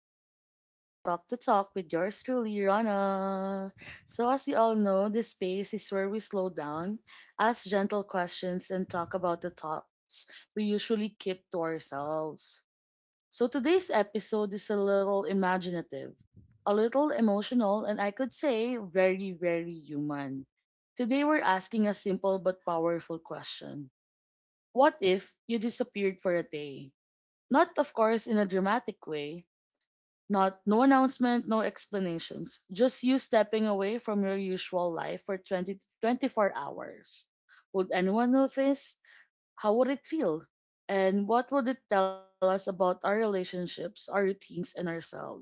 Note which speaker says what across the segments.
Speaker 1: episode of Talk to Talk with yours truly, Rana. So, as you all know, this space is where we slow down, ask gentle questions, and talk about the thoughts we usually keep to ourselves. So, today's episode is a little imaginative, a little emotional, and I could say very, very human. Today, we're asking a simple but powerful question: What if you disappeared for a day? Not, of course, in a dramatic way. Not no announcement, no explanations. Just you stepping away from your usual life for 20 to 24 hours. Would anyone notice? How would it feel? And what would it tell us about our relationships, our routines, and ourselves?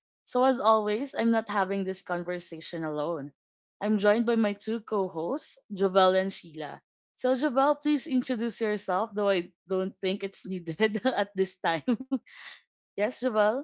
Speaker 1: So, as always, I'm not having this conversation alone. I'm joined by my two co hosts, Jovel and Sheila. So, Jovel, please introduce yourself, though I don't think it's needed at this time. Yes, Jovel.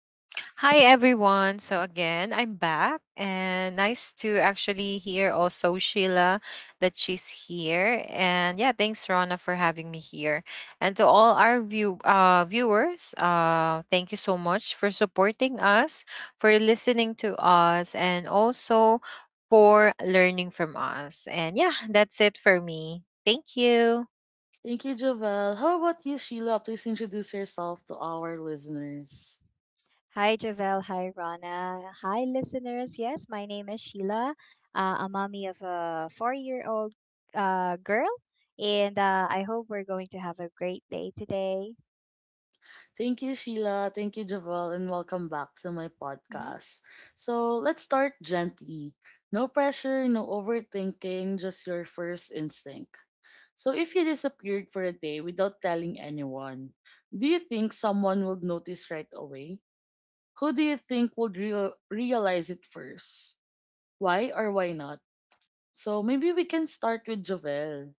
Speaker 2: Hi everyone. So again, I'm back and nice to actually hear also Sheila that she's here. And yeah, thanks Rona for having me here. And to all our viewers, thank you so much for supporting us, for listening to us and also for learning from us. And yeah, that's it for me. Thank you.
Speaker 1: Thank you, Jovel. How about you, Sheila? Please introduce yourself to our listeners.
Speaker 3: Hi, Javel. Hi, Rana. Hi, listeners. Yes, my name is Sheila. A mommy of a four-year-old girl, and I hope we're going to have a great day today.
Speaker 1: Thank you, Sheila. Thank you, Jovel, and welcome back to my
Speaker 3: Hmm
Speaker 1: podcast. So let's start gently. No pressure, no overthinking, just your first instinct. So if you disappeared for a day without telling anyone, do you think someone would notice right away? Who do you think would realize it first? Why or why not? So maybe we can start with Jovel.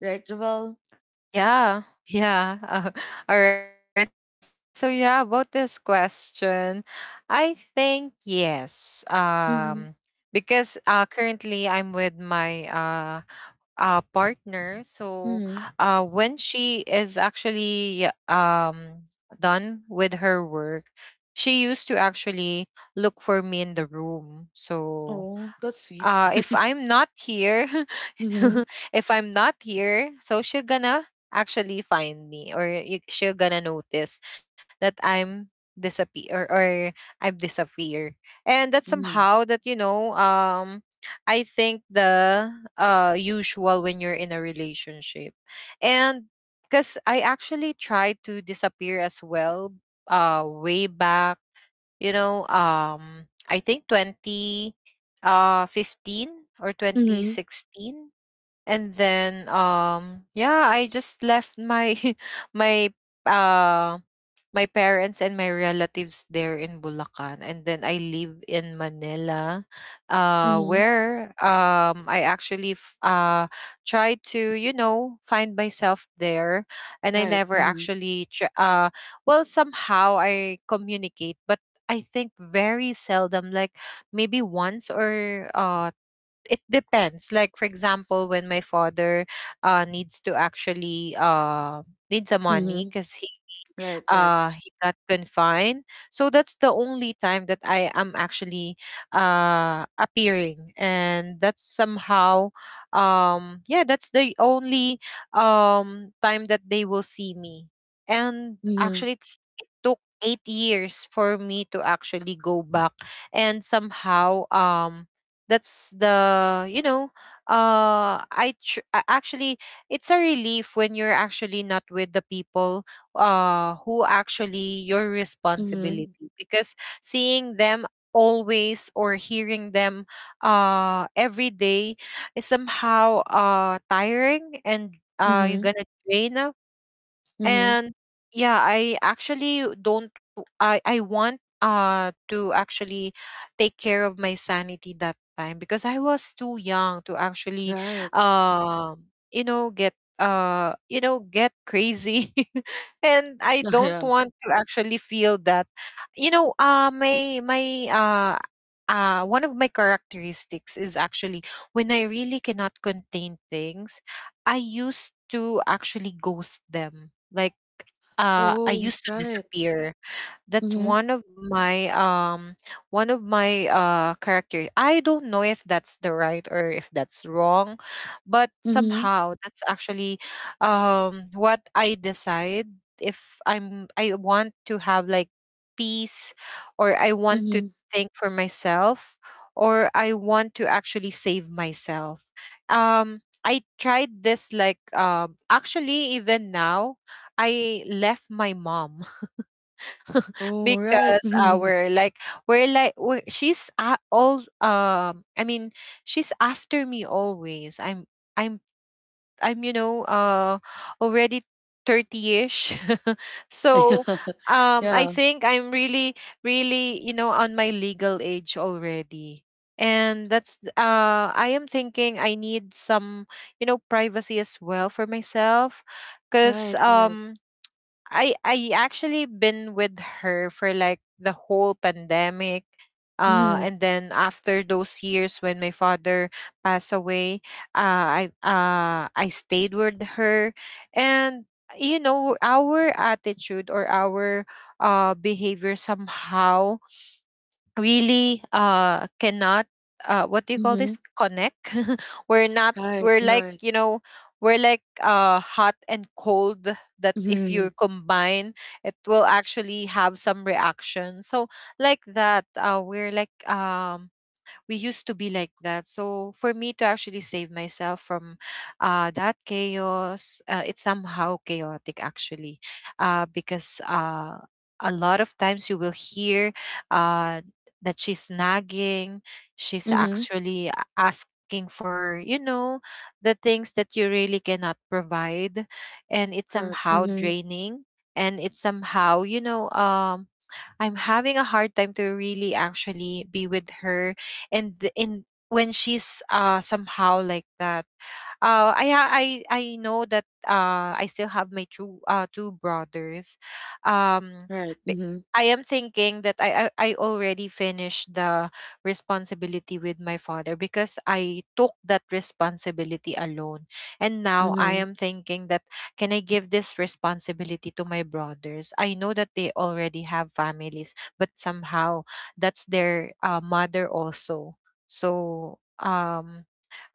Speaker 1: Right, Javel?
Speaker 2: Yeah, yeah. All right. So yeah, about this question, I think yes.
Speaker 1: Mm-hmm.
Speaker 2: Because currently I'm with my partner. So
Speaker 1: Mm-hmm.
Speaker 2: when she is actually done with her work, she used to actually look for me in the room. So
Speaker 1: Oh, that's sweet.
Speaker 2: if I'm not here,
Speaker 1: Mm-hmm.
Speaker 2: if I'm not here, so she's gonna actually find me or you, she's gonna notice that disappear or, or I've disappeared. And that's
Speaker 1: Mm.
Speaker 2: somehow that, you know, I think the usual when you're in a relationship. And because I actually tried to disappear as well way back, you know, I think 20 15 or
Speaker 1: Mm-hmm.
Speaker 2: 2016. And then yeah, I just left my my uh my parents and my relatives there in Bulacan, and then I live in Manila
Speaker 1: Mm-hmm.
Speaker 2: where I actually tried to, you know, find myself there. And I
Speaker 1: Right.
Speaker 2: never
Speaker 1: Mm-hmm.
Speaker 2: actually well, somehow I communicate, but I think very seldom, like maybe once or it depends. Like for example, when my father needs to actually needs some
Speaker 1: Mm-hmm.
Speaker 2: money because
Speaker 1: Right, right.
Speaker 2: he got confined, so that's the only time that I am actually appearing. And that's somehow, yeah, that's the only time that they will see me. And
Speaker 1: Mm-hmm.
Speaker 2: actually it's, it took 8 years for me to actually go back. And somehow, that's the, you know, actually, it's a relief when you're actually not with the people, who actually your
Speaker 1: Mm-hmm.
Speaker 2: responsibility, because seeing them always or hearing them, every day is somehow, tiring, and you're
Speaker 1: Mm-hmm.
Speaker 2: gonna drain out.
Speaker 1: Mm-hmm.
Speaker 2: And yeah, I actually don't, I want to actually take care of my sanity that time, because I was too young to actually,
Speaker 1: Right.
Speaker 2: um, get uh, get crazy. And I
Speaker 1: Yeah.
Speaker 2: don't want to actually feel that. You know, my my one of my characteristics is actually when I really cannot contain things, I used to actually ghost them. Like, I
Speaker 1: Oh,
Speaker 2: used to
Speaker 1: right.
Speaker 2: disappear. That's
Speaker 1: Mm-hmm.
Speaker 2: one of my character. I don't know if that's the right or if that's wrong, but
Speaker 1: Mm-hmm.
Speaker 2: somehow that's actually what I decide if I want to have like peace, or I want
Speaker 1: Mm-hmm.
Speaker 2: to think for myself, or I want to actually save myself. I tried this like, um, actually even now, I left my mom
Speaker 1: Oh, right.
Speaker 2: because
Speaker 1: Mhm.
Speaker 2: our like we're, she's a all I mean, she's after me always. I'm I'm you know already 30ish. So
Speaker 1: Yeah,
Speaker 2: I
Speaker 1: yeah.
Speaker 2: think I'm really you know on my legal age already. And that's I am thinking I need some, you know, privacy as well for myself, cuz
Speaker 1: Right, right.
Speaker 2: I actually been with her for like the whole pandemic.
Speaker 1: Mm-hmm.
Speaker 2: And then after those years when my father passed away, I stayed with her. And you know, our attitude or our, behavior somehow really cannot uh, what do you call
Speaker 1: Mm-hmm.
Speaker 2: this, connect. we're not
Speaker 1: Right,
Speaker 2: we're like,
Speaker 1: right.
Speaker 2: you know, we're like hot and cold, that if
Speaker 1: Mm-hmm.
Speaker 2: you combine, it will actually have some reaction. So like that, uh, we're like we used to be like that. So for me to actually save myself from, that chaos, it's somehow chaotic actually, because, a lot of times you will hear, uh, that she's nagging. She's
Speaker 1: Mm-hmm.
Speaker 2: actually asking for, you know, the things that you really cannot provide, and it's
Speaker 1: Correct.
Speaker 2: somehow
Speaker 1: Mm-hmm.
Speaker 2: draining. And it's somehow, you know, I'm having a hard time to really actually be with her and th- in when she's somehow like that. Uh, I know that I still have my two brothers.
Speaker 1: Right.
Speaker 2: Um
Speaker 1: Mm-hmm.
Speaker 2: b- I am thinking that I already finished the responsibility with my father, because I took that responsibility alone. And now I
Speaker 1: Mm-hmm.
Speaker 2: am thinking that, can I give this responsibility to my brothers? I know that they already have families, but somehow that's their, mother also. So, um,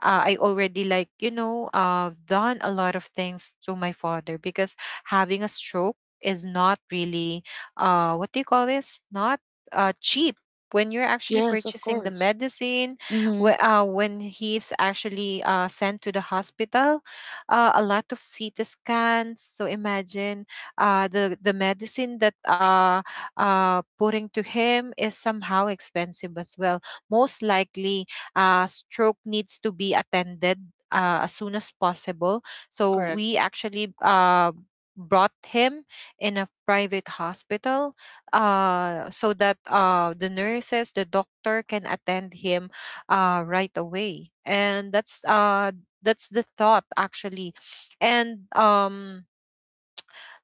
Speaker 2: I already like, you know, done a lot of things to my father, because having a stroke is not really, what do you call this? Not, cheap when you're actually
Speaker 1: Yes, of
Speaker 2: purchasing the
Speaker 1: course.
Speaker 2: medicine.
Speaker 1: Hmm.
Speaker 2: When he's actually sent to the hospital, a lot of CT scans. So imagine, the medicine that putting to him is somehow expensive as well. Most likely, stroke needs to be attended as soon as possible. So
Speaker 1: Correct.
Speaker 2: we actually brought him in a private hospital, so that the nurses, the doctor can attend him, right away. And that's the thought actually. And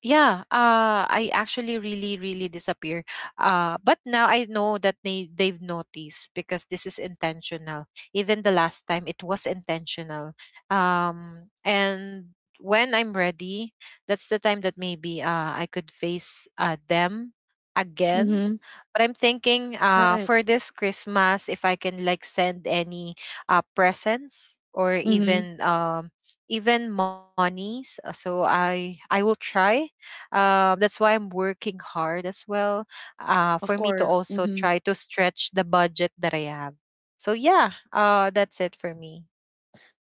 Speaker 2: yeah, I actually really, really disappear. But now I know that they they've noticed, because this is intentional. Even the last time, it was intentional. And when I'm ready, that's the time that maybe I could face them again.
Speaker 1: Mm-hmm.
Speaker 2: But I'm thinking
Speaker 1: Right.
Speaker 2: for this Christmas, if I can like send any, presents or
Speaker 1: Mm-hmm.
Speaker 2: even even monies. Uh, so I will try that's why I'm working hard as well, for
Speaker 1: Of
Speaker 2: me to
Speaker 1: course.
Speaker 2: also
Speaker 1: Mm-hmm.
Speaker 2: try to stretch the budget that I have. So yeah, that's it for me.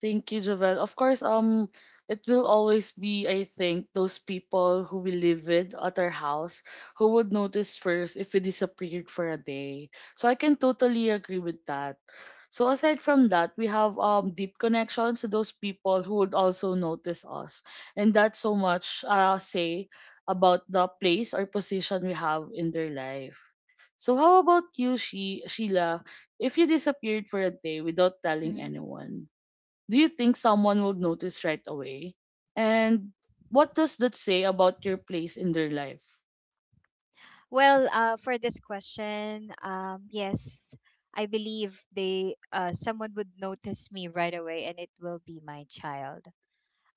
Speaker 1: Thank you, Javel. Of course, it will always be, I think, those people who we live with at our house who would notice first if we disappeared for a day. So I can totally agree with that. So aside from that, we have deep connections to those people who would also notice us, and that's so much say about the place or position we have in their life. So how about you, Sheila? If you disappeared for a day without telling
Speaker 3: hmm
Speaker 1: anyone, do you think someone would notice right away? And what does that say about your place in their life?
Speaker 3: Well, for this question, yes, I believe they someone would notice me right away, and it will be my child.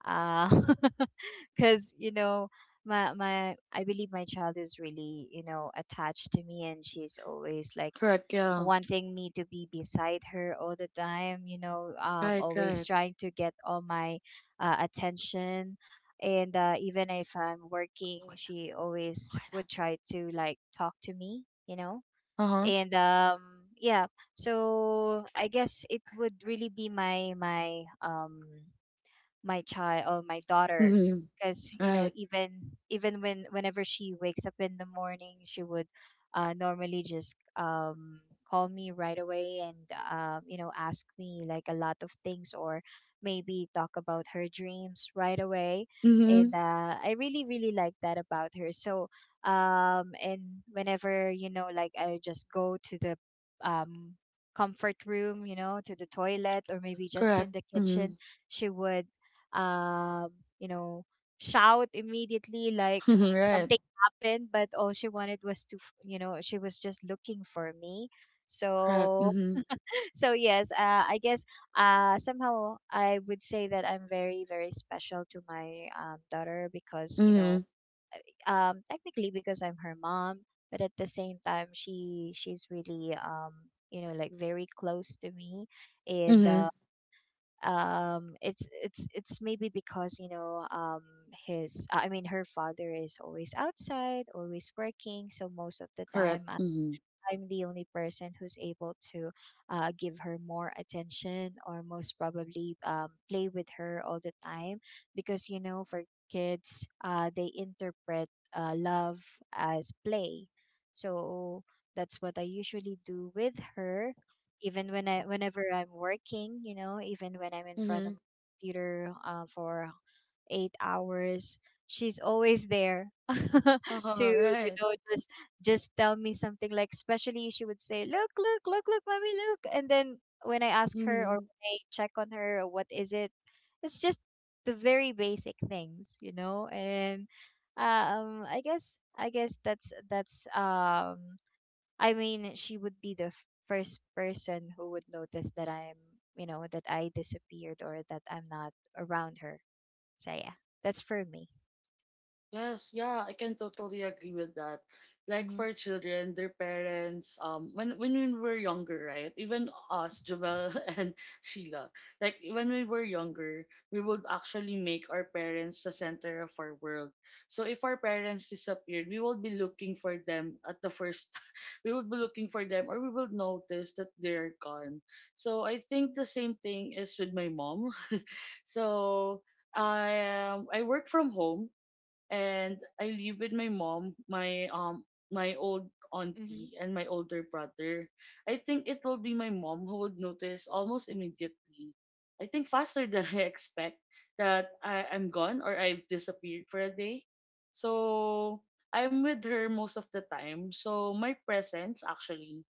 Speaker 3: Uh, because you know, my I believe my child is really, you know, attached to me, and she's always like
Speaker 1: Correct, yeah.
Speaker 3: wanting me to be beside her all the time, you know,
Speaker 1: Right, right.
Speaker 3: always trying to get all my attention. And even if I'm working,
Speaker 1: Okay na,
Speaker 3: she always
Speaker 1: okay na.
Speaker 3: would try to like talk to me, you know.
Speaker 1: Uh-huh.
Speaker 3: And yeah, so I guess it would really be my my child or my daughter,
Speaker 1: Mm-hmm.
Speaker 3: because you know,
Speaker 1: Right.
Speaker 3: even when whenever she wakes up in the morning, she would normally just, call me right away and, you know, ask me like a lot of things, or maybe talk about her dreams right away.
Speaker 1: Mm-hmm.
Speaker 3: And I really, really like that about her. So and whenever, you know, like I just go to the, um, comfort room, you know, to the toilet, or maybe just
Speaker 1: Correct.
Speaker 3: in the
Speaker 1: Mm-hmm.
Speaker 3: kitchen, she would, um, you know, shout immediately like
Speaker 1: Right.
Speaker 3: something happened, but all she wanted was to, you know, she was just looking for me.
Speaker 1: Correct.
Speaker 3: So,
Speaker 1: Mm-hmm.
Speaker 3: so yes, I guess somehow I would say that I'm very, very special to my, daughter, because, you
Speaker 1: Mm-hmm.
Speaker 3: know, technically because I'm her mom, but at the same time, she's really, you know, like very close to me, and
Speaker 1: Mm-hmm.
Speaker 3: it's maybe because, you know, his I mean her father is always outside, always working, so most of the time
Speaker 1: Correct. Mm-hmm.
Speaker 3: I'm the only person who's able to give her more attention, or most probably play with her all the time, because you know, for kids they love as play. So that's what I usually do with her, even whenever I'm working, you know, even when I'm in front of
Speaker 1: Mm-hmm.
Speaker 3: my computer for 8 hours. She's always there to,
Speaker 1: Uh-huh.
Speaker 3: you
Speaker 1: Right.
Speaker 3: know, just tell me something, like especially she would say, look, look, look, look, mommy, look. And then when I ask her, or
Speaker 1: Mm-hmm.
Speaker 3: when I check on her, what is it, it's just the very basic things, you know. And I guess that's that's um I mean, she would be the first person who would notice that I'm, you know, that I disappeared, or that I'm not around her. So yeah, that's for me.
Speaker 1: Yes, yeah, I can totally agree with that. Like
Speaker 3: Mm-hmm.
Speaker 1: for children, their parents, when we were younger, right? Even us, Jovel and Sheila, like when we were younger, we would actually make our parents the center of our world. So if our parents disappeared, we would be looking for them at the first. We would be looking for them, or we would notice that they're gone. So I think the same thing is with my mom. So I work from home and I live with my mom, my old
Speaker 3: Mm-hmm.
Speaker 1: auntie and my older brother. I think it will be my mom who would notice almost immediately. I think faster than I expect that I'm gone or I've disappeared for a day. So I'm with her most of the time. So my presence actually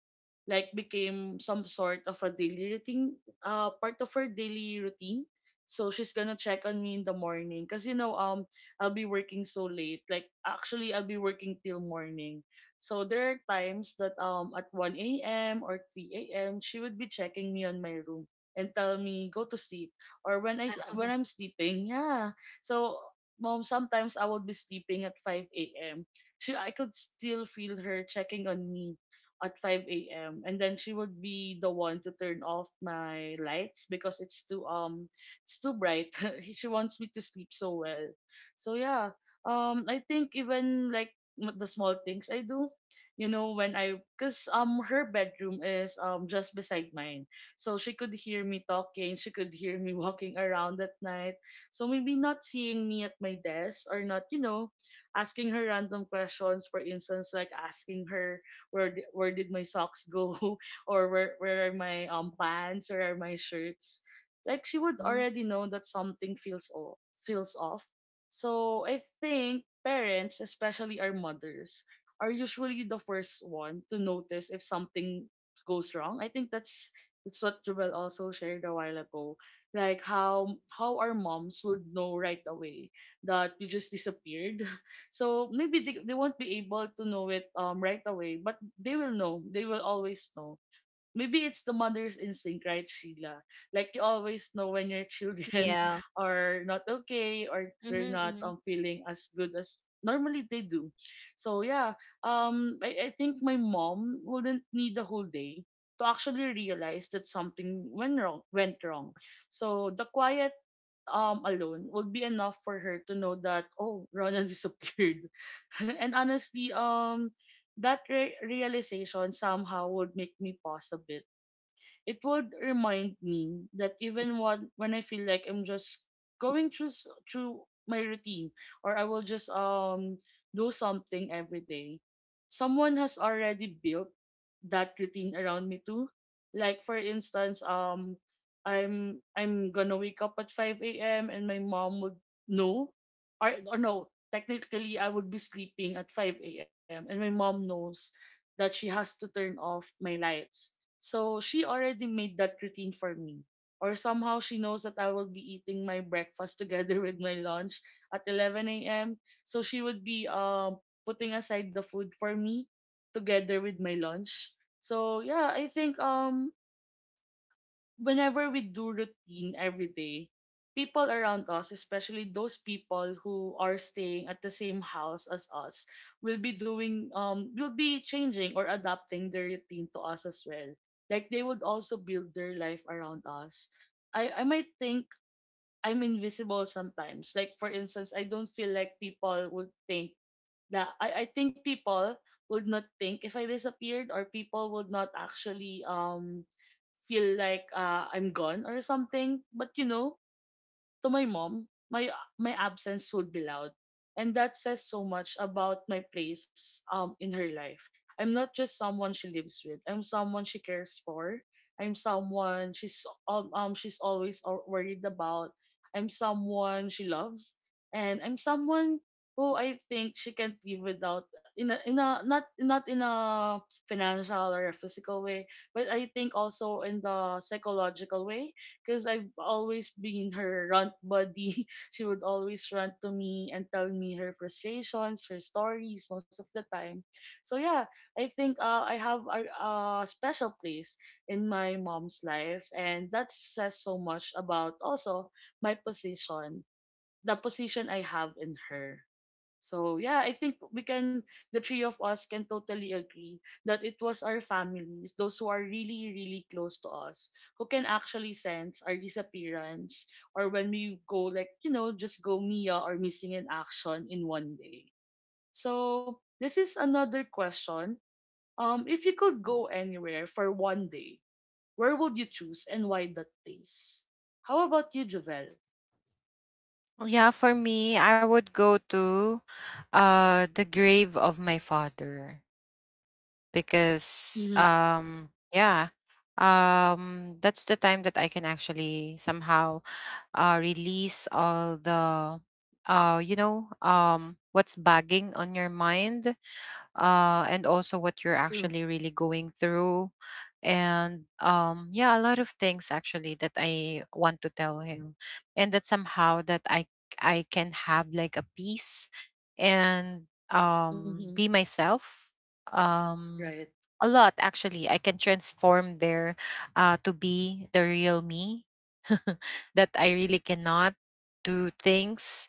Speaker 1: like became some sort of a daily routine, part of her daily routine. So she's gonna check on me in the morning. 'Cause I'll be working so late. Like actually I'll be working till morning. So there are times that at 1 a.m. or 3 a.m. she would be checking me on my room and tell me go to sleep or when I'm sleeping. Yeah. So mom sometimes I would be sleeping at 5 a.m. She I could still feel her checking on me at 5 a.m. and then she would be the one to turn off my lights because it's too bright. She wants me to sleep so well. So yeah, I think even like the small things I do, you know, cause her bedroom is just beside mine, so she could hear me talking, she could hear me walking around at night. So maybe not seeing me at my desk or not, asking her random questions. For instance, like asking her where did my socks go, or where are my pants or are my shirts. Like she would
Speaker 3: Mhm.
Speaker 1: already know that something feels off. So I think parents, especially our mothers, are usually the first one to notice if something goes wrong. I think that's what Jubel also shared a while ago. Like how our moms would know right away that you just disappeared. So maybe they won't be able to know it right away, but they will know. They will always know, maybe it's the mother's instinct, right, Sheila? Like you always know when your children
Speaker 3: Yeah.
Speaker 1: are not okay or
Speaker 3: Mm-hmm,
Speaker 1: they're not
Speaker 3: mm-hmm,
Speaker 1: feeling as good as normally they do. So yeah, I think my mom wouldn't need the whole day to actually realize that something went wrong. So the quiet alone would be enough for her to know that oh, Ronan disappeared. And honestly, that realization somehow would make me pause a bit. It would remind me that even when I feel like I'm just going through my routine or I will just do something every day, someone has already built that routine around me too. Like for instance, I'm gonna wake up at 5 a.m. and my mom would know, or no, technically I would be sleeping at 5 a.m. and my mom knows that she has to turn off my lights. So she already made that routine for me. Or somehow she knows that I will be eating my breakfast together with my lunch at 11 a.m. So she would be putting aside the food for me together with my lunch. So yeah, I think whenever we do routine every day, people around us, especially those people who are staying at the same house as us, will be changing or adapting their routine to us as well. Like they would also build their life around us. I might think I'm invisible sometimes. Like for instance, I don't feel like people would think. Yeah, I think people would not think if I disappeared, or people would not actually feel like I'm gone or something. But to my mom, my absence would be loud. And that says so much about my place in her life. I'm not just someone she lives with. I'm someone she cares for. I'm someone she's always worried about. I'm someone she loves, and I'm someone who I think she can't live without in a not not in a financial or a physical way, but I think also in the psychological way because I've always been her runt buddy. She would always run to me and tell me her frustrations, her stories most of the time. So yeah, I think I have a special place in my mom's life, and that says so much about also my position, the position I have in her. So yeah, I think we can the three of us can totally agree that it was our families, those who are really, really close to us, who can actually sense our disappearance or when we go like, just go Mia or missing in action in one day. So this is another question. If you could go anywhere for one day, where would you choose and why that place? How about you, Javel?
Speaker 2: Yeah, for me, I would go to, the grave of my father, because
Speaker 1: Mm-hmm.
Speaker 2: yeah, that's the time that I can actually somehow, release all the, you know what's bagging on your mind, and also what you're
Speaker 1: True.
Speaker 2: actually really going through. And yeah, a lot of things actually that I want to tell him, and that somehow that I can have like a peace, and
Speaker 1: Mm-hmm.
Speaker 2: be myself. Um,
Speaker 1: Right.
Speaker 2: a lot actually, I can transform there, to be the real me. That I really cannot do things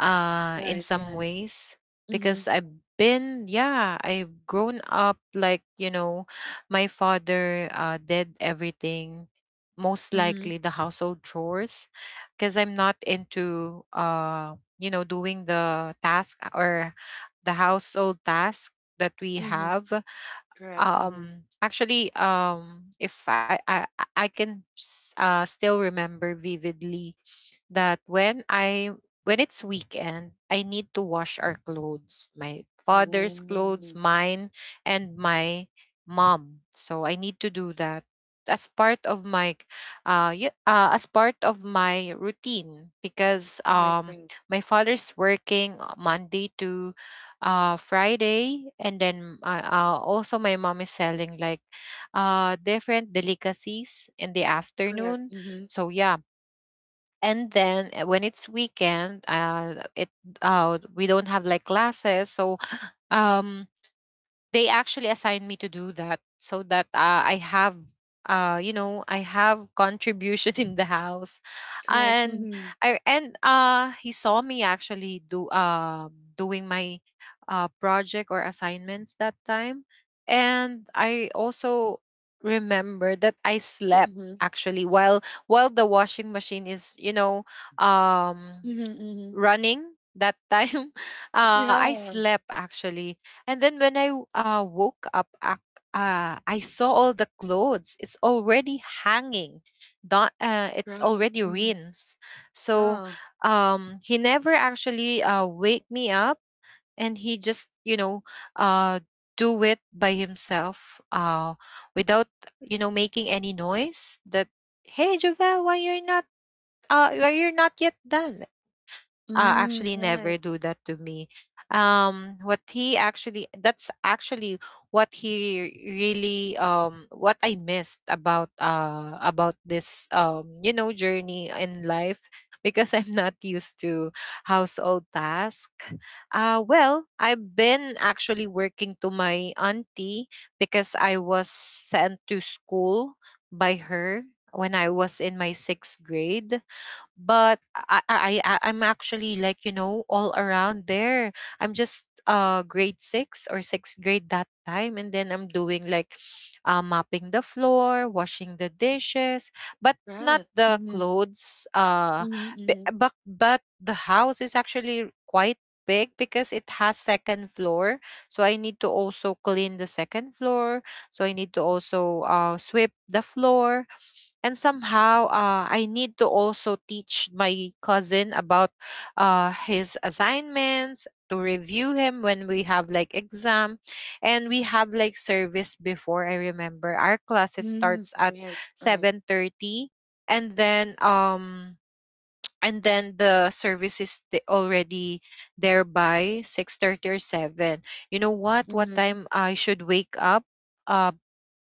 Speaker 2: in
Speaker 1: Right.
Speaker 2: some
Speaker 1: Right.
Speaker 2: ways because I've been yeah, I've grown up like, you know, my father did everything, most
Speaker 1: Mm-hmm.
Speaker 2: likely the household chores, because I'm not into, uh, you know, doing the task or the household task that we
Speaker 1: Mm-hmm.
Speaker 2: have.
Speaker 1: Correct. Mm-hmm.
Speaker 2: Um, actually, if I can still remember vividly that when it's weekend, I need to wash our clothes, my father's
Speaker 1: Oh,
Speaker 2: clothes, mine, and my mom. So I need to do that as part of my as part of my routine, because
Speaker 1: right, right.
Speaker 2: my father's working Monday to Friday, and then also my mom is selling like different delicacies in the
Speaker 1: Correct.
Speaker 2: afternoon.
Speaker 1: Mm-hmm.
Speaker 2: So yeah, and then when it's weekend, uh, it we don't have like classes, so um they actually assigned me to do that, so that I have, uh, you know, I have contribution in the house.
Speaker 1: Correct.
Speaker 2: And
Speaker 1: Mm-hmm.
Speaker 2: I and he saw me actually do doing my project or assignments that time. And I also remember that I slept
Speaker 1: Mm-hmm.
Speaker 2: actually while the washing machine is, you know, um
Speaker 1: Mm-hmm. Mm-hmm.
Speaker 2: running that time. Uh, I
Speaker 1: Yeah.
Speaker 2: slept actually, and then when I woke up, I saw all the clothes it's already hanging, not it's
Speaker 1: Right.
Speaker 2: already
Speaker 1: Mm-hmm.
Speaker 2: rinsed. So
Speaker 1: Yeah.
Speaker 2: um, he never actually wake me up, and he just, you know, uh, do it by himself without, you know, making any noise that, hey Jovel, why you're not, uh, why you're not yet done. Uh, actually
Speaker 1: Mm,
Speaker 2: never
Speaker 1: right.
Speaker 2: do that to me. What he actually, that's actually what he really what I missed about this you know journey in life, because I'm not used to household task. Uh, well, I've been actually working to my auntie because I was sent to school by her when I was in my sixth grade. But I'm actually like, you know, all around there. I'm just grade six or sixth grade that time, and then I'm doing like, mopping the floor, washing the dishes, but not
Speaker 1: Right.
Speaker 2: the
Speaker 1: Mm-hmm.
Speaker 2: clothes. Uh, b-
Speaker 1: Mm-hmm.
Speaker 2: but but the house is actually quite big because it has second floor, so I need to also clean the second floor. So I need to also sweep the floor, and somehow I need to also teach my cousin about his assignments, to review him when we have like exam. And we have like service before. I remember our classes
Speaker 1: Mm-hmm.
Speaker 2: starts at
Speaker 1: Mm-hmm. Right. Right.
Speaker 2: 7:30, and then the service is the already there by 6:30 or 7. You know what
Speaker 1: Mm-hmm.
Speaker 2: time I should wake up? uh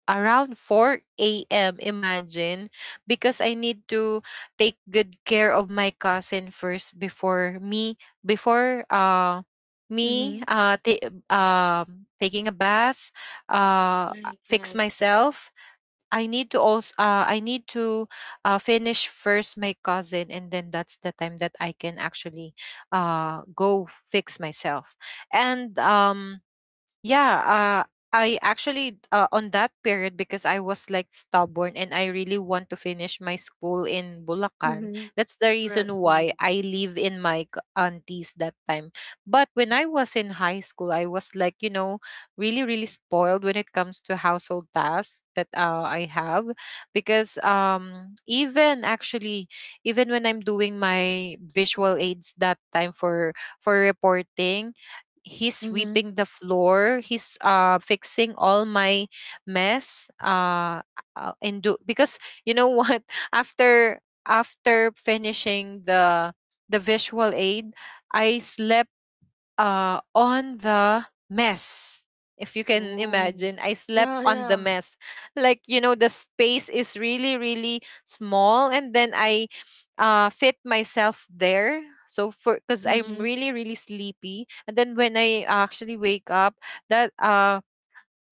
Speaker 2: Around 4 a.m, imagine, because I need to take good care of my cousin first, before me, before
Speaker 1: Mm-hmm.
Speaker 2: taking a bath, uh
Speaker 1: Right.
Speaker 2: fix
Speaker 1: Right.
Speaker 2: myself. I need to also I need to finish first my cousin, and then that's the time that I can actually go fix myself. And yeah, uh I actually on that period, because I was like stubborn and I really want to finish my school in Bulacan.
Speaker 1: Mm-hmm.
Speaker 2: That's the reason
Speaker 1: Correct.
Speaker 2: why
Speaker 1: Mm-hmm.
Speaker 2: I live in my aunties that time. But when I was in high school, I was like, really really spoiled when it comes to household tasks that I have, because even actually even when I'm doing my visual aids that time for reporting, he's
Speaker 1: Mm-hmm.
Speaker 2: sweeping the floor, he's fixing all my mess. And do, because you know what, after finishing the visual aid, I slept on the mess. If you can
Speaker 1: Oh.
Speaker 2: imagine, I slept
Speaker 1: Yeah.
Speaker 2: on the
Speaker 1: Yeah.
Speaker 2: mess. Like, you know, the space is really, really small. And then I fit myself there. So, for Because I'm
Speaker 1: Mm-hmm.
Speaker 2: really, really sleepy. And then when I actually wake up, that,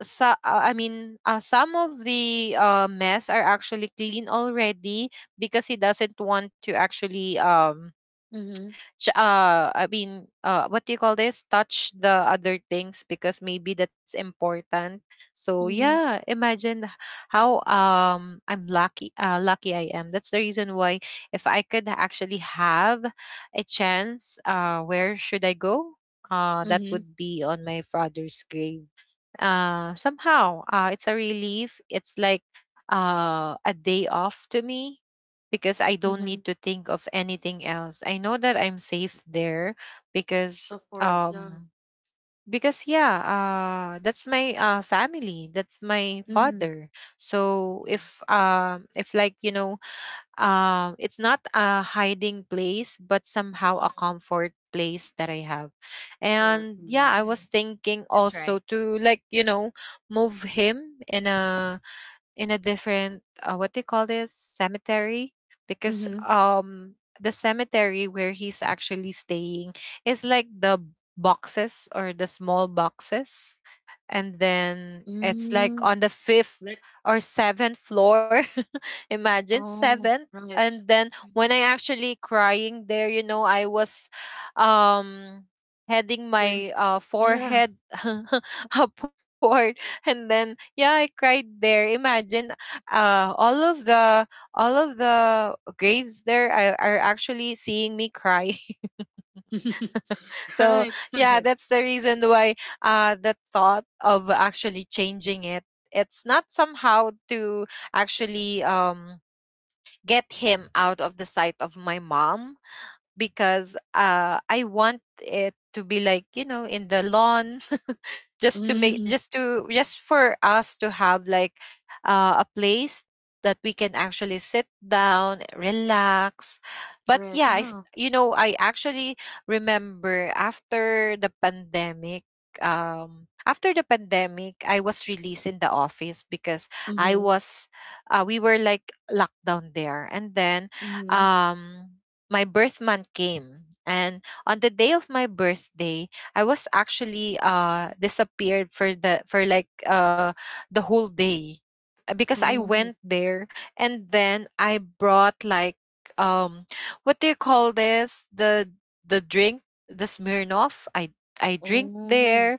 Speaker 2: so, I mean, some of the mess are actually clean already, because he doesn't want to actually
Speaker 1: Mm-hmm.
Speaker 2: what do you call this, touch the other things, because maybe that's important. So
Speaker 1: Mm-hmm.
Speaker 2: yeah, imagine how I'm lucky lucky I am That's the reason why, if I could actually have a chance, where should I go? That
Speaker 1: Mm-hmm.
Speaker 2: would be on my father's grave. Somehow it's a relief, it's like a day off to me, because I don't need
Speaker 1: Mm-hmm.
Speaker 2: to think of anything else. I know that I'm safe there, because
Speaker 1: Of course. Yeah.
Speaker 2: um yeah, that's my family, that's my
Speaker 3: mm-hmm.
Speaker 1: Mm-hmm.
Speaker 2: father. So
Speaker 3: Yeah.
Speaker 2: if like you know, it's not a hiding place, but somehow a
Speaker 3: Mm-hmm,
Speaker 2: comfort place that I have.
Speaker 1: Correct.
Speaker 2: And yeah,
Speaker 1: Mm-hmm.
Speaker 2: I
Speaker 3: mm-hmm.
Speaker 2: was thinking
Speaker 3: That's
Speaker 2: also
Speaker 3: right.
Speaker 2: to, like you know, move him in a, in a different what they call this, cemetery, because
Speaker 1: Mm-hmm.
Speaker 3: Mm-hmm.
Speaker 2: the cemetery where he's actually staying is like the boxes, or the small boxes, and then it's
Speaker 1: Mm,
Speaker 2: like on the
Speaker 1: like,
Speaker 2: fifth or seventh floor. Imagine,
Speaker 1: oh,
Speaker 2: seventh.
Speaker 1: right.
Speaker 2: And then when I
Speaker 3: Mm-hmm.
Speaker 2: actually crying there, you know, I was um heading my
Speaker 1: Right. Yeah.
Speaker 2: forehead upward. And then yeah, I cried there. Imagine, all of the, graves there are actually seeing me cry. So
Speaker 1: Right,
Speaker 2: yeah,
Speaker 1: right.
Speaker 2: that's the reason why, the thought of actually changing it. It's not somehow to actually get him out of the sight of my mom, because I want it to be like you know, in the lawn. Just to make,
Speaker 1: Mm,
Speaker 2: just to, just for us to have like a place that we can actually sit down, relax. But
Speaker 1: correct,
Speaker 2: yeah,
Speaker 1: you know.
Speaker 2: you know, I actually remember, after the pandemic, after the pandemic, I was released in the office, because I
Speaker 1: Mm-hmm,
Speaker 2: was we were like locked down there. And then
Speaker 1: mm-hmm.
Speaker 2: um my birth month came, and on the day of my birthday I was actually disappeared for the, for like the whole day, because I
Speaker 1: Oh,
Speaker 2: went there. And then I brought like, um what do you call this, the drink, the Smirnoff. I drink there,
Speaker 1: oh,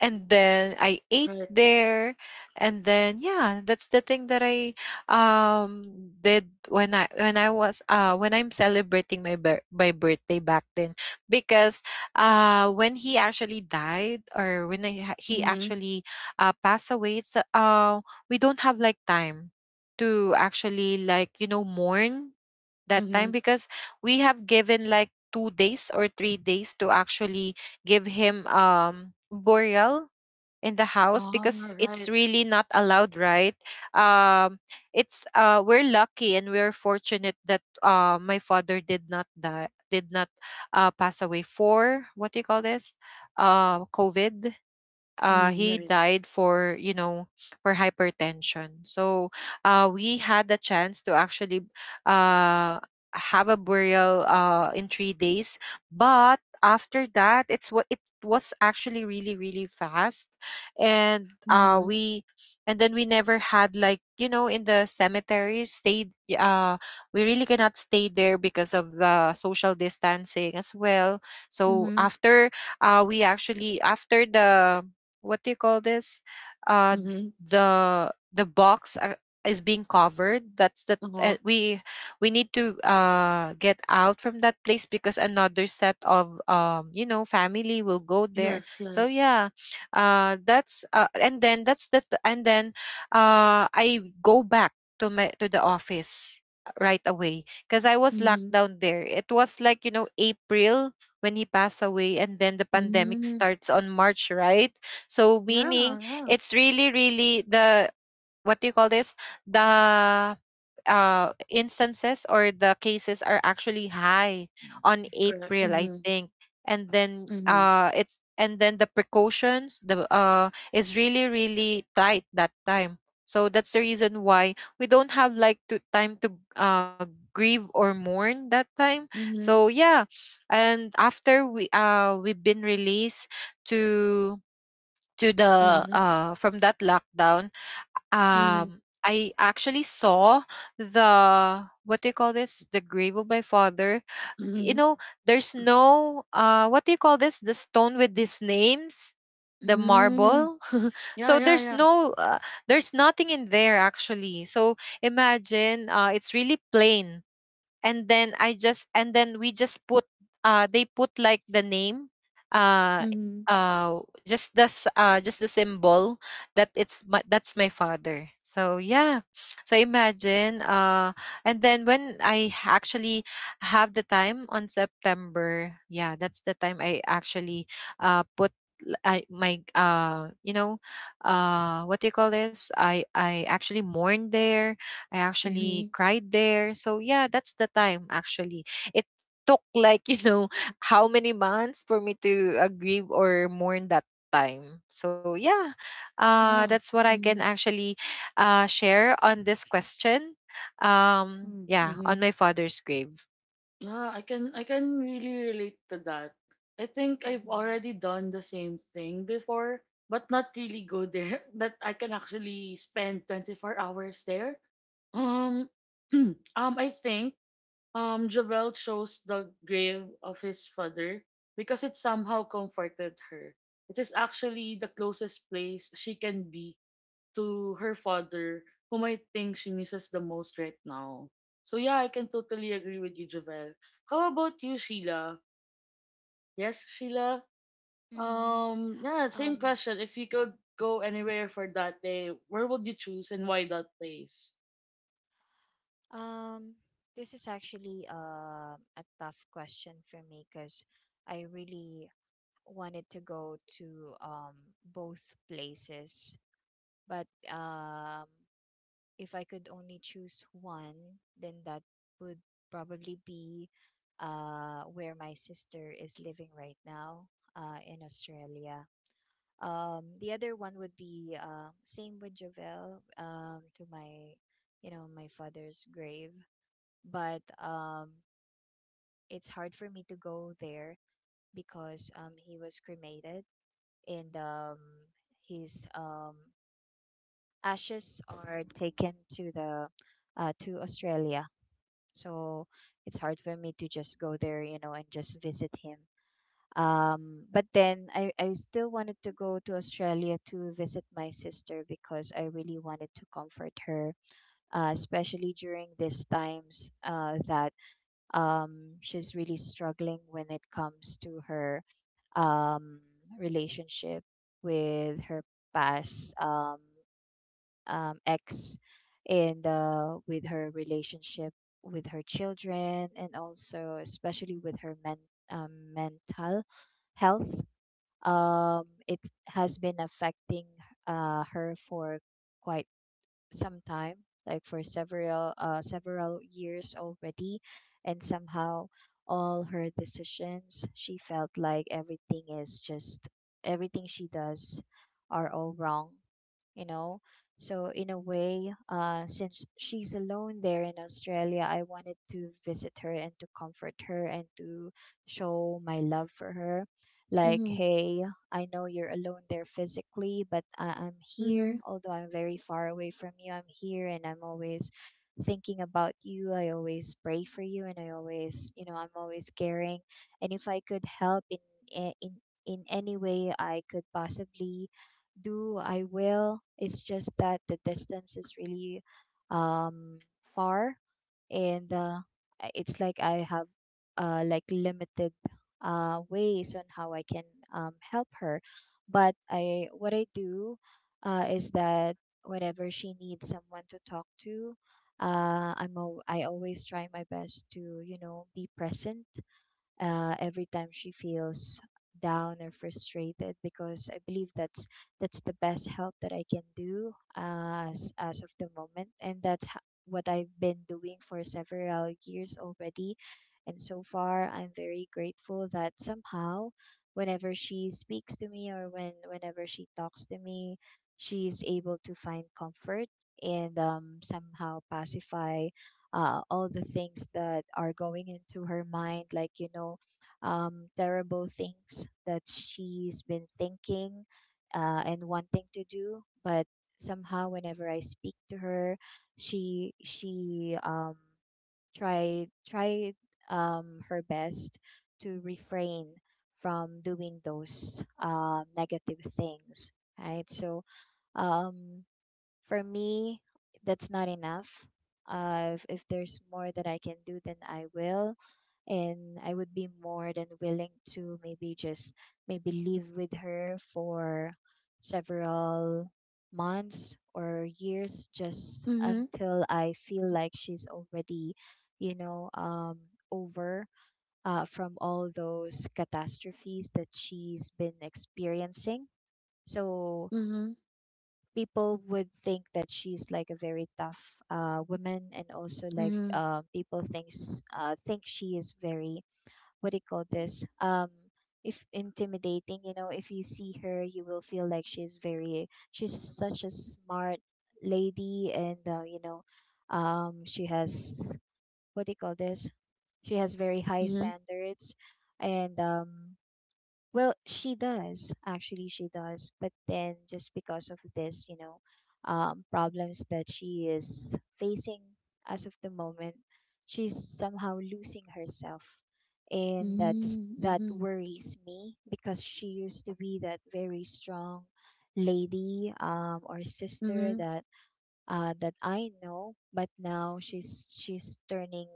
Speaker 2: and then I ate
Speaker 1: right.
Speaker 2: there. And then yeah, that's the thing that I um did when I was when I'm celebrating my my birthday back then. Because when he actually died, or when he
Speaker 1: Mm-hmm,
Speaker 2: actually passed away, it's we don't have like time to actually, like you know, mourn that time,
Speaker 1: mm-hmm.
Speaker 2: because we have given like 2 days or 3 days to actually give him burial in the house,
Speaker 1: Oh,
Speaker 2: because it's
Speaker 1: right.
Speaker 2: really not allowed, right? um it's we're lucky and we're fortunate that my father did not die, did not pass away for, what do you call this, covid.
Speaker 1: Mm,
Speaker 2: He
Speaker 1: right.
Speaker 2: died for, you know, for hypertension. So we had the chance to actually uh have a burial in 3 days. But after that, it's what, it was actually really really fast. and uh
Speaker 1: Mm-hmm,
Speaker 2: we and then we never had like you know, in the cemetery stayed. uh we really cannot stay there because of the social distancing as well. So
Speaker 1: mm-hmm,
Speaker 2: after we actually, after the, what do you call this? Uh,
Speaker 1: mm-hmm.
Speaker 2: the box is being covered. That's the
Speaker 1: Oh,
Speaker 2: we need to get out from that place, because another set of, you know, family will go there.
Speaker 1: yes,
Speaker 2: So
Speaker 1: yes.
Speaker 2: yeah, that's and then that's the and then I go back to my to the office right away, because I was locked
Speaker 1: Mm-hmm,
Speaker 2: down there. It was like you know, April when he passed away, and then the pandemic
Speaker 1: mm-hmm.
Speaker 2: starts on March, right? So
Speaker 1: Yeah,
Speaker 2: meaning,
Speaker 1: yeah.
Speaker 2: it's really, really the, what do you call this, the instances or the cases are actually high on
Speaker 1: Correct.
Speaker 2: April, I
Speaker 1: Mm-hmm,
Speaker 2: think. And then
Speaker 1: mm-hmm,
Speaker 2: the precautions, the is really, really tight that time. So that's the reason why we don't have like to time to grieve or mourn that time.
Speaker 1: mm-hmm,
Speaker 2: So yeah. And after we we've been released to the
Speaker 1: mm-hmm,
Speaker 2: from that lockdown,
Speaker 1: mm-hmm,
Speaker 2: I actually saw the, what do you call this, the grave of my father. You
Speaker 1: mm-hmm.
Speaker 2: know, there's no, what do you call this, the stone with these names, the
Speaker 1: Mm,
Speaker 2: marble.
Speaker 1: yeah,
Speaker 2: So
Speaker 1: yeah,
Speaker 2: there's
Speaker 1: yeah.
Speaker 2: no, there's nothing in there actually. So imagine it's really plain. And then we just put they put like the name, uh
Speaker 1: Mm-hmm.
Speaker 2: uh just the just the symbol that it's my, that's my father. So yeah, so imagine and then when I actually have the time on September, yeah, that's the time I actually put my you know, what do you call this, I actually mourn there. I actually
Speaker 1: Mhm.
Speaker 2: cried there. So yeah, that's the time actually. It took like, you know, how many months for me to grieve or mourn that time. So yeah,
Speaker 1: Yeah.
Speaker 2: that's what I can
Speaker 1: Mhm.
Speaker 2: actually share on this question.
Speaker 1: Mm.
Speaker 2: Yeah, on
Speaker 1: Mhm.
Speaker 2: my father's grave.
Speaker 1: Yeah, I can really relate to that. I think I've already done the same thing before, but not really go there that I can actually spend 24 hours there. Um I think Javel chose the grave of his father because it somehow comforted her. It is actually the closest place she can be to her father, whom I think she misses the most right now. So yeah, I can totally agree with you, Javel. How about you, Sheila? Yes, Sheila.
Speaker 3: Mm-hmm.
Speaker 1: Yeah, same
Speaker 3: Um,
Speaker 1: question. If you could go anywhere for that day, where would you choose and why that place?
Speaker 3: um, this is actually a tough question for me, because I really wanted to go to both places, but if I could only choose one, then that would probably be where my sister is living right now, in Australia. The other one would be, same with Javel, to my, you know, my father's grave, but it's hard for me to go there because he was cremated, and his, ashes are taken to the, to Australia. So it's hard for me to just go there, you know, and just visit him. But then I still wanted to go to Australia to visit my sister, because I really wanted to comfort her, especially during these times that she's really struggling when it comes to her, um, relationship with her past, ex, and with her relationship with her children, and also especially with her mental health. It has been affecting her for quite some time, like for several, several years already, and somehow all her decisions, she felt like everything is just everything she does are all wrong, you know. So in a way, since she's alone there in Australia, I wanted to visit her and to comfort her, and to show my love for her. Like,
Speaker 1: Mhm.
Speaker 3: hey, I know you're alone there physically, but I'm here.
Speaker 1: Mhm.
Speaker 3: Although I'm very far away from you, I'm here, and I'm always thinking about you. I always pray for you, and I always, you know, I'm always caring. And if I could help in a- in in any way I could possibly do, I will. It's just that the distance is really, um far, and it's like I have like limited, ways on how I can, help her. But I what I do, is that whenever she needs someone to talk to, I'm I always try my best to, you know, be present, every time she feels down or frustrated, because I believe that's the best help that I can do, as of the moment, and that's what I've been doing for several years already. And so far, I'm very grateful that somehow, whenever she speaks to me, or whenever she talks to me, she's able to find comfort, and, somehow pacify, all the things that are going into her mind, like, you know, terrible things that she's been thinking, and wanting to do. But somehow, whenever I speak to her, she, she, um, tried, her best to refrain from doing those, negative things, right? So, um for me, that's not enough. If, there's more that I can do, then I will. And I would be more than willing to maybe just maybe live with her for several months or years, just
Speaker 1: Mhm.
Speaker 3: until I feel like she's already, you know, over from all those catastrophes that she's been experiencing. So
Speaker 1: Mhm.
Speaker 3: people would think that she's like a very tough, woman, and also like people think she is very, what do you call this, if intimidating, you know, if you see her, you will feel like she's such a smart lady, and you know, she has, what do you call this, she has very high
Speaker 1: Mhm.
Speaker 3: standards. And well, she does. Actually, she does. But then, just because of this, you know, problems that she is facing as of the moment, she's somehow losing herself. And that
Speaker 1: Mhm.
Speaker 3: worries me, because she used to be that very strong lady, or sister
Speaker 1: Mhm.
Speaker 3: that, that I know, but now she's turning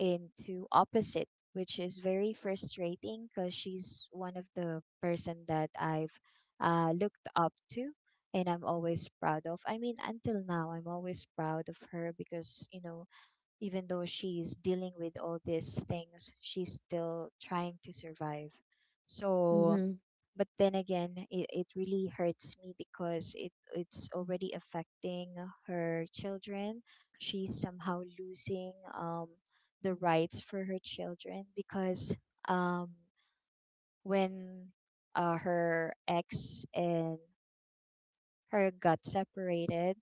Speaker 3: into opposite, which is very frustrating, because she's one of the person that I've, looked up to and I'm always proud of. I mean, until now, I'm always proud of her, because you know, even though she's dealing with all these things, she's still trying to survive. So,
Speaker 1: Mhm.
Speaker 3: but then again, it really hurts me, because it's already affecting her children. She's somehow losing, the rights for her children, because um when her ex and her got separated.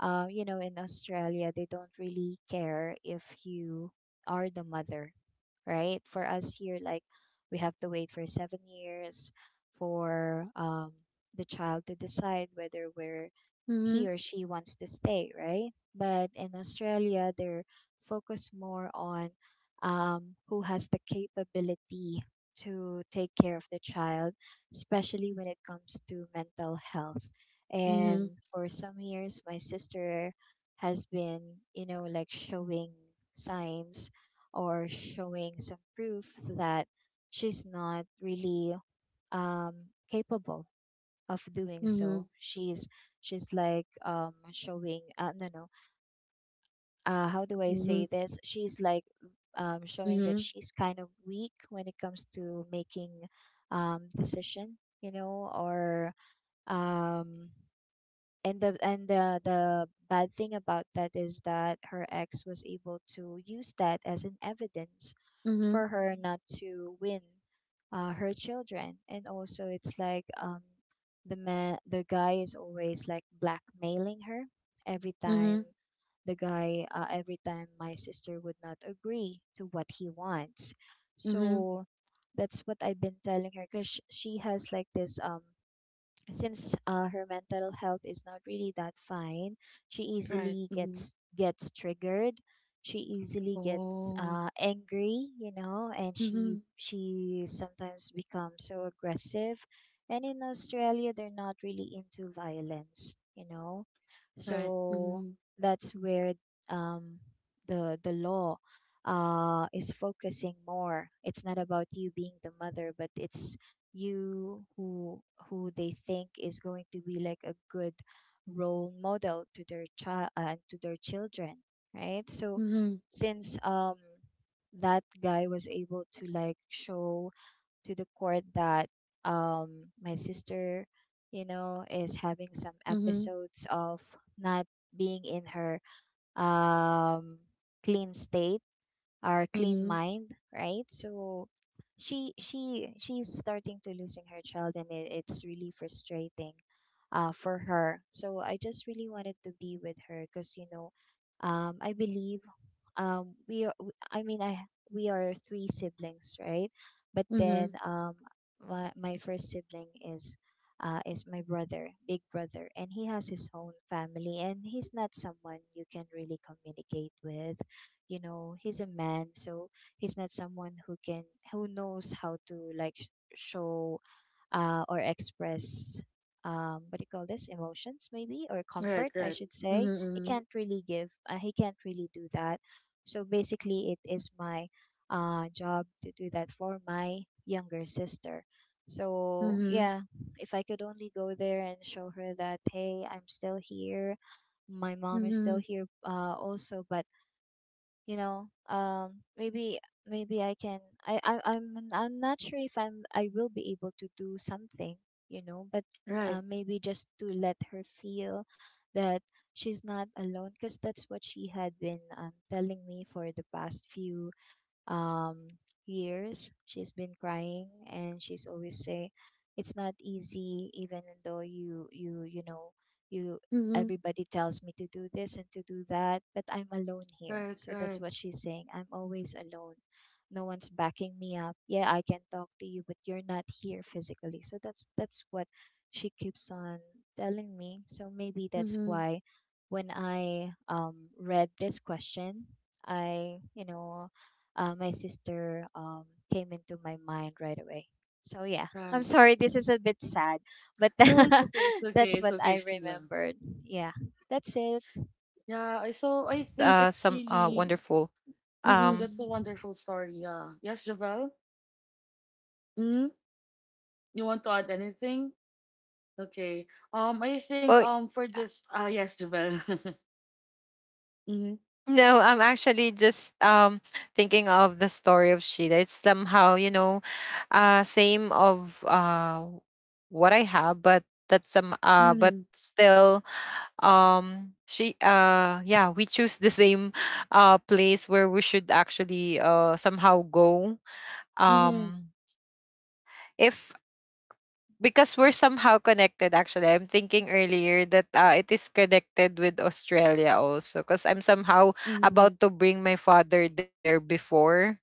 Speaker 3: You know, in Australia, they don't really care if you are the mother, right? For us here, like we have to wait for 7 years for, the child to decide whether we're,
Speaker 1: Mhm.
Speaker 3: he or she wants to stay, right? But in Australia, they're focused more on, who has the capability to take care of the child, especially when it comes to mental health.
Speaker 1: Mhm.
Speaker 3: And for some years, my sister has been, you know, like showing signs, or showing some proof that she's not really, um, capable of doing
Speaker 1: Mhm.
Speaker 3: so. She's like showing no no how do I
Speaker 1: Mhm. Mhm.
Speaker 3: say this? She's like showing that
Speaker 1: Mhm.
Speaker 3: she's kind of weak when it comes to making decision, you know, or um and the bad thing about that is that her ex was able to use that as an evidence
Speaker 1: Mhm. Mhm.
Speaker 3: for her not to win her children. And also it's like the guy is always like blackmailing her every time.
Speaker 1: Mhm.
Speaker 3: The guy uh, every time my sister would not agree to what he wants.
Speaker 1: Mhm.
Speaker 3: So that's what I've been telling her, because she has like this since her mental health is not really that fine, she
Speaker 1: Right.
Speaker 3: easily
Speaker 1: Mhm.
Speaker 3: gets triggered. She easily gets
Speaker 1: Oh.
Speaker 3: angry, you know, and she
Speaker 1: Mhm.
Speaker 3: sometimes becomes so aggressive. And in Australia they're not really into violence, you know,
Speaker 1: Right.
Speaker 3: so
Speaker 1: Mhm.
Speaker 3: that's where um, the law is focusing more. It's not about you being the mother, but it's you who they think is going to be like a good role model to their child and to their children, right? So
Speaker 1: Mhm.
Speaker 3: since that guy was able to like show to the court that my sister, you know, is having some
Speaker 1: Mhm.
Speaker 3: episodes of not being in her um clean state, our clean
Speaker 1: Mhm.
Speaker 3: mind, right? So she she's starting to losing her child, and it's really frustrating for her. So I just really wanted to be with her because, you know, I believe we are, w- I mean I we are three siblings, right? But
Speaker 1: Mhm.
Speaker 3: then my first sibling is my brother, big brother, and he has his own family, and he's not someone you can really communicate with. You know, he's a man, so he's not someone who can who knows how to like sh- show or express what do you call this, emotions maybe, or
Speaker 1: Right.
Speaker 3: comfort, I
Speaker 1: Right.
Speaker 3: should say. He
Speaker 1: Mhm.
Speaker 3: can't really give, he can't really do that. So basically it is my job to do that for my younger sister. So
Speaker 1: Mhm.
Speaker 3: yeah, if I could only go there and show her that, hey, I'm still here, my
Speaker 1: Mhm.
Speaker 3: mom is still
Speaker 1: Mhm.
Speaker 3: here also. But you know, maybe maybe I can, i, I i'm I'm not sure if I will be able to do something, you know, but
Speaker 1: Right.
Speaker 3: maybe just to let her feel that she's not alone, because that's what she had been telling me for the past few um, years. She's been crying, and she's always saying, "It's not easy, even though you you know you.
Speaker 1: Mhm.
Speaker 3: Everybody tells me to do this and to do that, but I'm alone here."
Speaker 1: Right.
Speaker 3: So that's
Speaker 1: Right.
Speaker 3: what she's saying. "I'm always alone. No one's backing me up. Yeah, I can talk to you, but you're not here physically." So that's what she keeps on telling me. So maybe that's
Speaker 1: Mhm.
Speaker 3: why when I read this question, I, you know, my sister came into my mind right away. So yeah, I'm
Speaker 1: Right.
Speaker 3: sorry, this is a bit sad, but
Speaker 1: No, it's okay. It's okay.
Speaker 3: that's
Speaker 1: It's
Speaker 3: what I
Speaker 1: okay, Sheila.
Speaker 2: So
Speaker 3: remembered.
Speaker 2: yeah, that's
Speaker 3: Yeah, that's
Speaker 2: some
Speaker 3: it.
Speaker 1: Yeah.
Speaker 2: wonderful
Speaker 1: I So I think it's
Speaker 2: um
Speaker 1: really. Mm-mm, that's a
Speaker 3: Mhm.
Speaker 1: wonderful story. Yeah. Yes, Javel. Mm. You want to add anything? Okay.
Speaker 2: well.
Speaker 1: I think. For this. Ah. Yes, Javel. Mhm.
Speaker 2: No, I'm actually just thinking of the story of Sheila. It's somehow, you know, same of what I have, but that's some. But
Speaker 1: Mhm.
Speaker 2: still, she. Yeah, we choose the same place where we should actually somehow go.
Speaker 1: Mhm.
Speaker 2: Um, if because we're somehow connected. Actually, I'm thinking earlier that it is connected with Australia also, because I'm somehow
Speaker 1: Mhm.
Speaker 2: about to bring my father there before,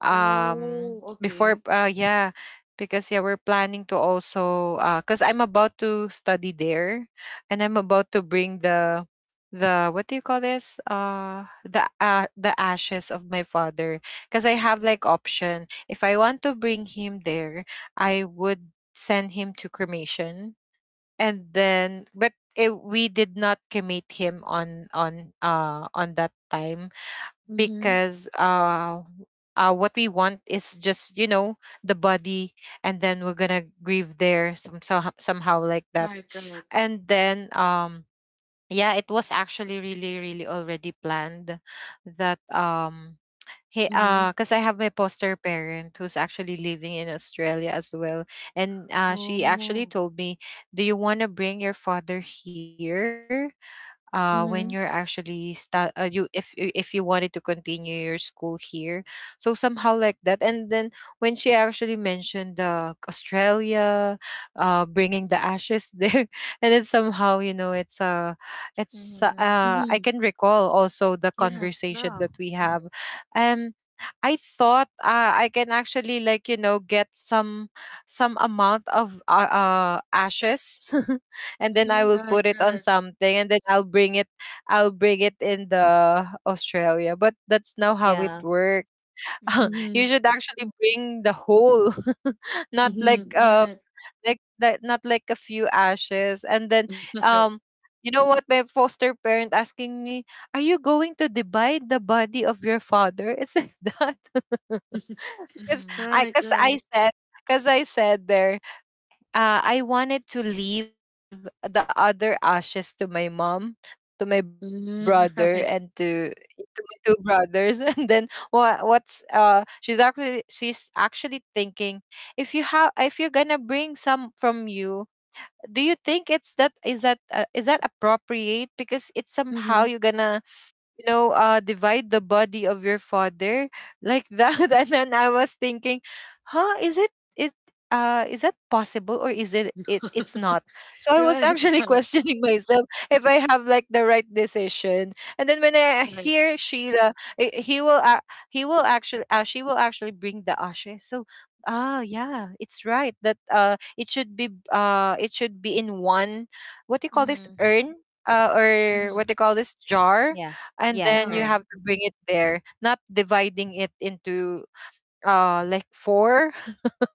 Speaker 2: um
Speaker 1: Oh. Okay.
Speaker 2: yeah, because yeah we're planning to also because I'm about to study there, and I'm about to bring the, what do you call this, the ashes of my father. Because I have like option, if I want to bring him there, I would send him to cremation. And then but we did not cremate him on on that time,
Speaker 1: Mhm.
Speaker 2: because what we want is just, you know, the body, and then we're gonna grieve there some, somehow, somehow like that.
Speaker 1: Right, right.
Speaker 2: And then yeah, it was actually really really already planned that he
Speaker 1: Mhm.
Speaker 2: because I have my poster parent who's actually living in Australia as well. And she actually
Speaker 1: Oh,
Speaker 2: told me, "Do you want to bring your father here when you're
Speaker 1: mhm.
Speaker 2: actually if you wanted to continue your school here?" So somehow like that, and then when she actually mentioned Australia, bringing the ashes there, and then somehow, you know, it's
Speaker 3: Mhm.
Speaker 2: I
Speaker 1: Mhm.
Speaker 2: can recall also the
Speaker 1: Yes,
Speaker 2: conversation
Speaker 1: no.
Speaker 2: that we
Speaker 3: Mhm.
Speaker 2: have. um I thought I can actually, like you know, get some amount of ashes, and then I
Speaker 3: Mhm.
Speaker 2: will
Speaker 1: Right,
Speaker 2: put it on
Speaker 1: right.
Speaker 2: something and then I'll bring it, I'll bring it in the Australia. But that's not how it
Speaker 3: Yeah.
Speaker 2: works.
Speaker 3: Mhm.
Speaker 2: You
Speaker 1: Mhm.
Speaker 2: should actually bring the whole, not like
Speaker 1: Mhm.
Speaker 3: Mhm.
Speaker 1: Right,
Speaker 2: like that, not like a few ashes. And then
Speaker 1: right.
Speaker 2: um you know what my foster parent asking me, are you going to divide the body of your father? It's like that. Because
Speaker 3: Mhm.
Speaker 1: Right,
Speaker 2: I because
Speaker 1: right.
Speaker 2: I said, there, I wanted to leave the other ashes to my mom, to my brother,
Speaker 1: Mhm.
Speaker 2: and to
Speaker 1: Right.
Speaker 2: my two brothers. And then what? What's uh? She's actually thinking, if you're gonna bring some from you, do you think it's that is that is that appropriate? Because it's somehow
Speaker 1: Mhm.
Speaker 2: you're gonna divide the body of your father like that. And then I was thinking, huh, is it it is that possible, or is it it's not? So I was
Speaker 1: Right,
Speaker 2: actually
Speaker 1: right.
Speaker 2: questioning myself if I have like the right decision. And then when I
Speaker 1: Right.
Speaker 2: hear Sheila, I- he will actually she will actually bring the ashes. So yeah, it's right that it should be in one, what do you call this,
Speaker 3: Mhm.
Speaker 2: urn? Or what
Speaker 3: Mhm.
Speaker 2: they call this, jar,
Speaker 3: Yeah.
Speaker 2: and
Speaker 3: Yeah.
Speaker 2: then you
Speaker 1: Yeah.
Speaker 2: have
Speaker 3: Earn.
Speaker 2: to bring it there, not dividing it into like four.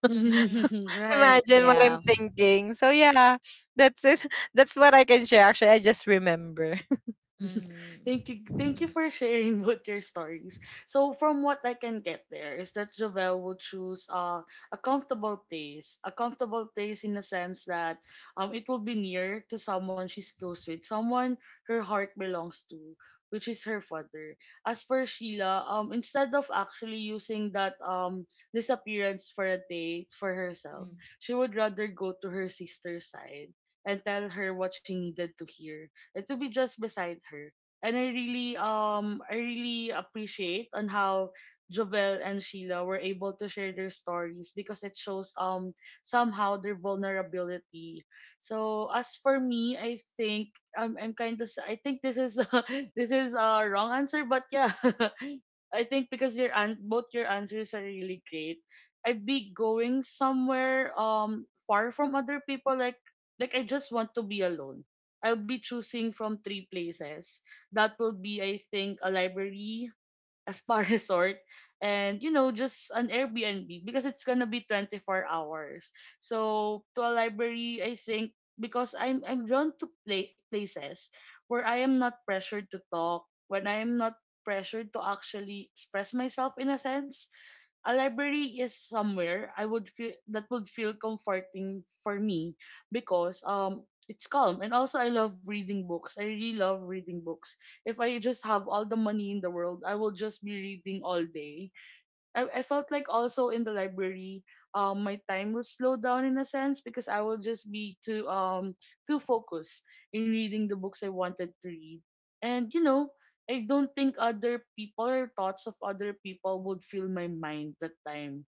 Speaker 2: So
Speaker 3: Mhm.
Speaker 1: Mhm. Right.
Speaker 2: imagine what I'm
Speaker 3: Yeah.
Speaker 2: thinking. So yeah, that's it. That's what I can share. Actually, I just remember.
Speaker 3: Mhm.
Speaker 1: Thank you, thank you
Speaker 3: Mhm.
Speaker 1: for sharing both your stories. So from what I can get, there is that Jovel will choose a comfortable place, a comfortable place in the sense that it will be near to someone she's close with, someone her heart belongs to, which is her father. As for Sheila, instead of actually using that disappearance for a day for herself, she would rather go to her sister's side and tell her what she needed to hear and to be just beside her. And I really appreciate on how Jovel and Sheila were able to share their stories because it shows somehow their vulnerability. So as for me, I think I'm kind of I think this is this is a wrong answer, but yeah, I think because your an- both your answers are really great. I'd be going somewhere far from other people, like I just want to be alone. I'll be choosing from three places. That will be, I think, a library, a spa resort, and you know, just an Airbnb because it's gonna be 24 hours. So to a library, I think because I'm drawn to play places where I am not pressured to talk, when I am not pressured to actually express myself in a sense. A library is somewhere I would feel that would feel comforting for me because it's calm, and also I love reading books. I really love reading books. If I just have all the money in the world, I will just be reading all day. I felt like also in the library, my time will slow down in a sense because I will just be too too focused in reading the books I wanted to read, and you know, I don't think other people or thoughts of other people would fill my mind that time.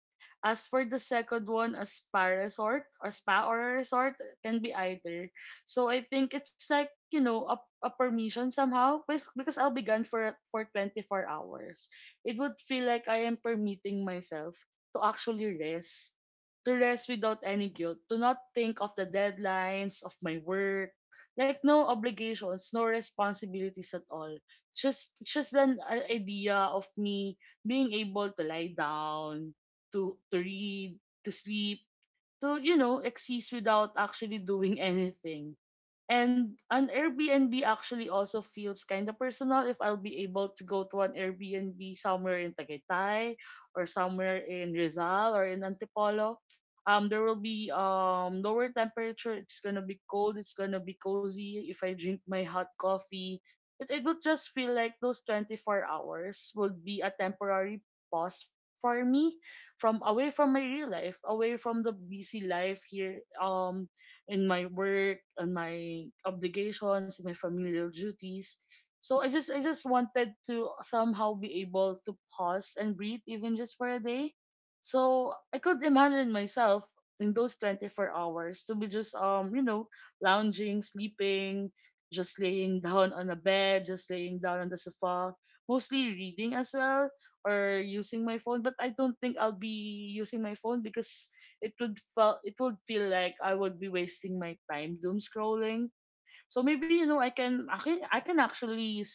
Speaker 1: As for the second one, a spa resort, a spa or a resort can be either. So I think it's like, you know, a permission somehow with, because I'll be gone for 24 hours. It would feel like I am permitting myself to actually rest, to rest without any guilt, to not think of the deadlines of my work, like no obligations, no responsibilities at all. It's just an idea of me being able to lie down, to read, to sleep, to you know, exist without actually doing anything. And an Airbnb actually also feels kind of personal if I'll be able to go to an Airbnb somewhere in Tagaytay or somewhere in Rizal or in Antipolo. There will be lower temperature. It's gonna be cold. It's gonna be cozy. If I drink my hot coffee, it will just feel like those 24 hours would be a temporary pause for me from away from my real life, away from the busy life here, in my work and my obligations, and my familial duties. So I just wanted to somehow be able to pause and breathe even just for a day. So I could imagine myself in those 24 hours to be just you know, lounging, sleeping, just laying down on a bed, just laying down on the sofa, mostly reading as well, or using my phone, but I don't think I'll be using my phone because it would feel, it would feel like I would be wasting my time doom scrolling. So maybe, you know, I can I can, I can actually s-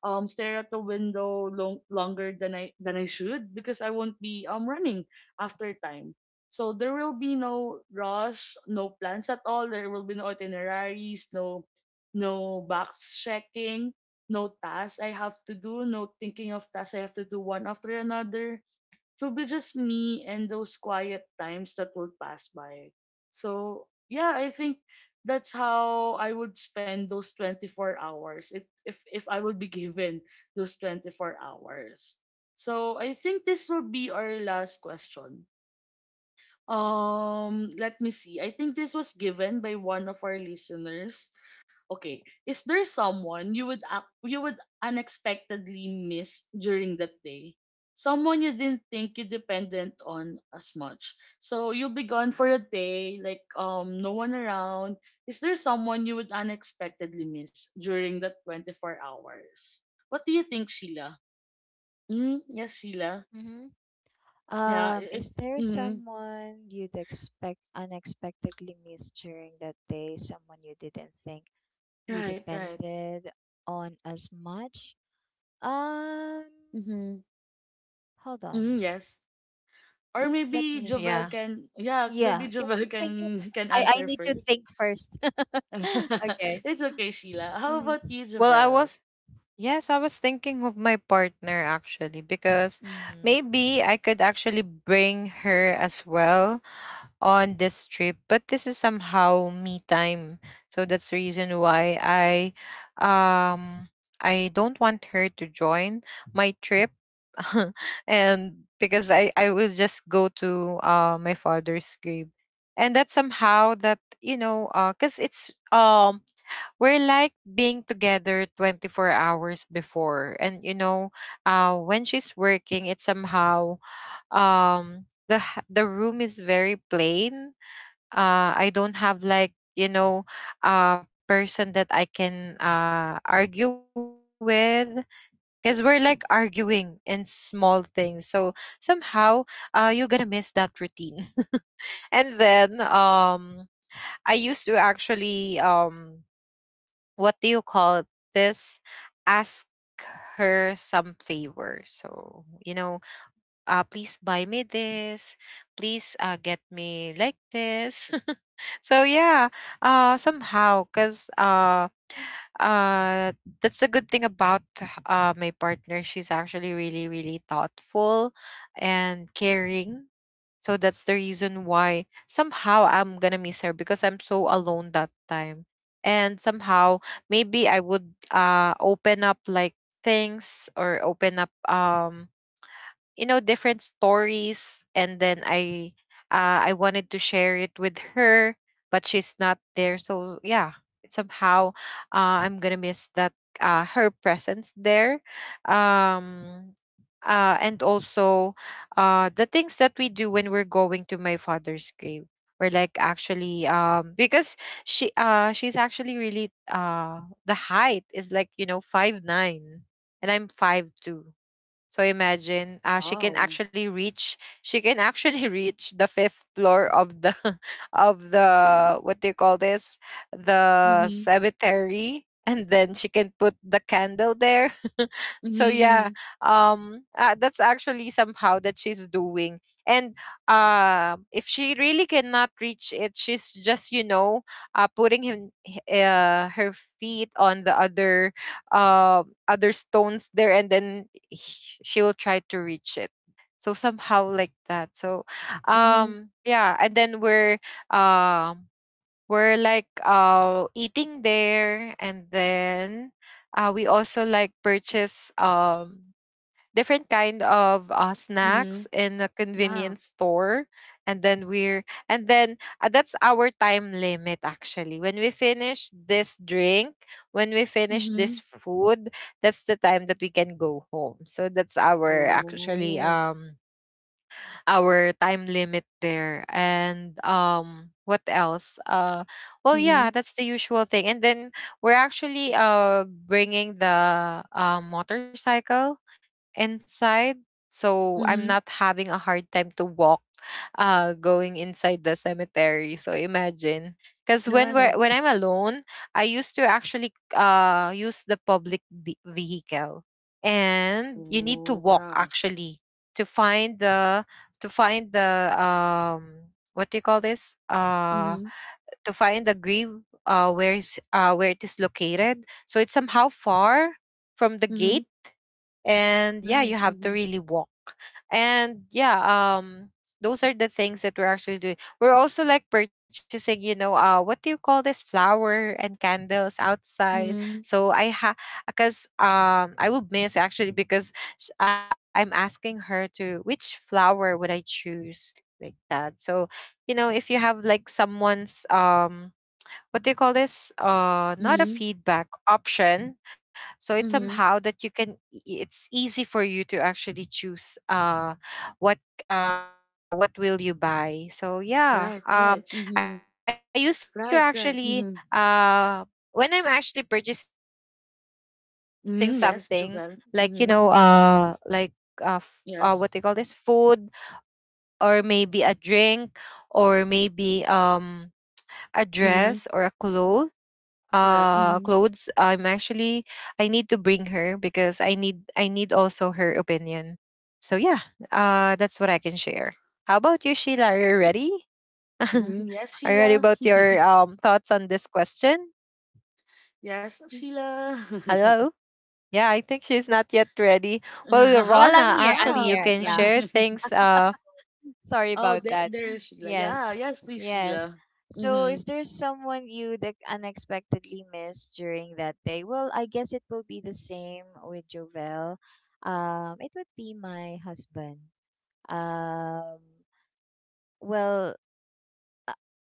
Speaker 1: um stare at the window long, longer than I should because I won't be running after time. So there will be no rush, no plans at all. There will be no itineraries, no box checking, no tasks I have to do, no thinking of tasks I have to do one after another. To be just me and those quiet times that will pass by. So, yeah, I think that's how I would spend those 24 hours, if I would be given those 24 hours. So, I think this will be our last question. Let me see. I think this was given by one of our listeners. Okay, is there someone you would you would unexpectedly miss during that day? Someone you didn't think you dependent on as much. So you'll be gone for a day, like no one around. Is there someone you would unexpectedly miss during that 24 hours? What do you think, Sheila? Mm, yes, Sheila.
Speaker 3: Mhm.
Speaker 1: Yeah, if
Speaker 3: Is there
Speaker 1: mm,
Speaker 3: someone you'd expect unexpectedly miss during that day? Someone you didn't think you
Speaker 1: right, right.
Speaker 3: depended on as much? Um,
Speaker 1: Mm-hmm.
Speaker 3: hold on.
Speaker 1: Mm, yes. Or
Speaker 3: Let
Speaker 1: maybe
Speaker 3: me
Speaker 1: Jovel
Speaker 2: Yeah.
Speaker 3: see.
Speaker 1: can, yeah,
Speaker 3: Yeah,
Speaker 1: maybe
Speaker 3: can,
Speaker 1: Jovel
Speaker 3: can you,
Speaker 1: can can
Speaker 3: I
Speaker 1: answer
Speaker 3: need to
Speaker 1: first.
Speaker 3: think first. Okay.
Speaker 1: It's okay, Sheila. How
Speaker 3: Mm-hmm.
Speaker 1: about you,
Speaker 2: Well, I
Speaker 1: Jovel?
Speaker 2: was yes, I was thinking of my partner, actually, because
Speaker 3: Mm-hmm.
Speaker 2: maybe I could actually bring her as well on this trip, but this is somehow me time. So that's the reason why um I don't want her to join my trip. And because I will just go to my father's grave. And that's somehow that cuz it's we're like being together 24 hours before. And when she's working, it's somehow the room is very plain. I don't have like a person that I can argue with, because we're like arguing in small things. So somehow you're gonna miss that routine. And then I used to actually, what do you call this, ask her some favor. So please buy me this, please get me like this. So yeah, somehow, cause uh, that's a good thing about my partner. She's actually really, really thoughtful and caring. So that's the reason why somehow I'm gonna miss her, because I'm so alone that time. And somehow maybe I would open up like things, or open up different stories. And then I wanted to share it with her, but she's not there. So yeah, somehow, I'm gonna miss that, her presence there. um and also, the things that we do when we're going to my father's grave. We're like actually, because she's actually really, the height is like, you know, 5'9", and I'm 5'2". So imagine, she can
Speaker 1: Oh.
Speaker 2: actually reach. She can actually reach the fifth floor of the, of the what do you call this, the
Speaker 1: Mhm.
Speaker 2: cemetery, and then she can put the candle there.
Speaker 1: Mhm.
Speaker 2: So yeah,
Speaker 1: Mhm.
Speaker 2: that's actually somehow that she's doing. And if she really cannot reach it, she's just, putting her feet on the other, other stones there, and then she will try to reach it, so somehow like that. So
Speaker 1: Mhm.
Speaker 2: yeah, and then um we're like eating there. And then we also like purchase different kind of snacks
Speaker 1: Mhm.
Speaker 2: in a
Speaker 1: Yeah.
Speaker 2: convenience store. And then we're and then that's our time limit actually, when we finish this drink, when we finish this
Speaker 1: Mhm.
Speaker 2: food. That's the time that we can go home. So that's our actually
Speaker 1: Oh.
Speaker 2: our time limit there. And what else? Well yeah,
Speaker 1: Mhm.
Speaker 2: that's the usual thing. And then we're actually bringing the motorcycle inside. So I'm
Speaker 1: Mhm.
Speaker 2: not having a hard time to walk going inside the cemetery. So imagine, because
Speaker 1: Right.
Speaker 2: when I'm alone, I used to actually use the public vehicle. And you need to
Speaker 1: Oh.
Speaker 2: walk,
Speaker 1: Yeah.
Speaker 2: actually, to find the to find the, what do you call this?
Speaker 1: Mhm.
Speaker 2: To find the grave, where it is located. So it's somehow far from the
Speaker 1: Mhm.
Speaker 2: gate, and yeah, you
Speaker 1: Right.
Speaker 2: have to
Speaker 1: Mhm.
Speaker 2: really walk. And yeah, um those are the things that we're actually doing. We're also like purchasing, what do you call this, flower and candles outside.
Speaker 1: Mhm.
Speaker 2: So I ha because I will miss actually, because I'm asking her to which flower would I choose, like that. So if you have like someone's, what do you call this, not a
Speaker 1: Mhm.
Speaker 2: feedback option, so it's
Speaker 1: Mhm.
Speaker 2: somehow that you can it's easy for you to actually choose, what what will you buy. So yeah,
Speaker 1: Right. Right. Mhm.
Speaker 2: I used to
Speaker 1: Right.
Speaker 2: actually,
Speaker 1: Right. Mhm.
Speaker 2: when I'm actually purchasing something
Speaker 1: Mhm. Yes, Jovel.
Speaker 2: like,
Speaker 1: Mhm.
Speaker 2: like,
Speaker 1: Yes.
Speaker 2: what do you call this, food, or maybe a drink, or maybe a
Speaker 1: Mhm.
Speaker 2: dress, or a clothes
Speaker 1: Correct. Hmm.
Speaker 2: clothes, I'm actually, I need to bring her because I need also her opinion. So yeah, that's what I can share. How about you, Sheila? Are you ready?
Speaker 1: Hmm. Yes,
Speaker 2: Are you
Speaker 1: Sheila.
Speaker 2: ready about your thoughts on this question?
Speaker 1: Yes,
Speaker 2: Y-
Speaker 1: Sheila.
Speaker 2: Hello. Yeah, I think she's not yet ready. Well
Speaker 1: How?
Speaker 3: Well, I'm
Speaker 2: Rona,
Speaker 3: here. I'm
Speaker 2: actually
Speaker 1: Yeah.
Speaker 2: you
Speaker 3: here.
Speaker 2: can
Speaker 3: Yeah.
Speaker 2: share things.
Speaker 3: Sorry
Speaker 1: Oh,
Speaker 3: about that.
Speaker 1: there is Sheila.
Speaker 3: Yes.
Speaker 1: Yeah. Yes, please,
Speaker 3: Yes.
Speaker 1: Sheila.
Speaker 3: So,
Speaker 1: Mm-hmm.
Speaker 3: is there someone you that unexpectedly missed during that day? Well, I guess it will be the same with Jovel. It would be my husband. Um, well, uh,